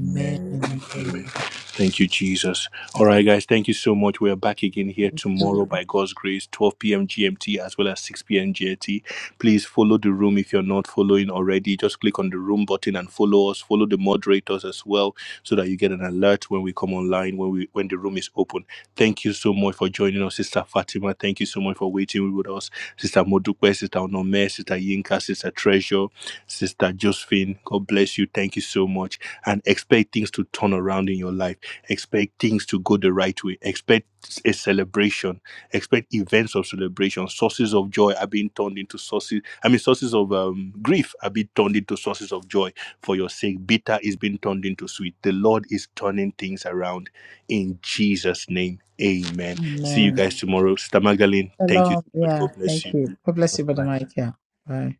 Amen. Amen. Amen. Thank you, Jesus. All right, guys, thank you so much. We are back again here tomorrow by God's grace, 12 p.m. GMT as well as 6 p.m. GMT. Please follow the room if you're not following already. Just click on the room button and follow us. Follow the moderators as well so that you get an alert when we come online, when we when the room is open. Thank you so much for joining us, Sister Fatima. Thank you so much for waiting with us, Sister Modupe, Sister Onome, Sister Yinka, Sister Treasure, Sister Josephine. God bless you. Thank you so much and expect things to turn around in your life. Expect things to go the right way. Expect a celebration. Expect events of celebration. Sources of joy are being turned into sources. I mean, sources of um, grief are being turned into sources of joy for your sake. Bitter is being turned into sweet. The Lord is turning things around in Jesus' name. Amen. See you Amen. guys tomorrow. Sister Magdalene. Shalom. Yeah, thank you. God bless you, Brother Mike. Yeah. Bye.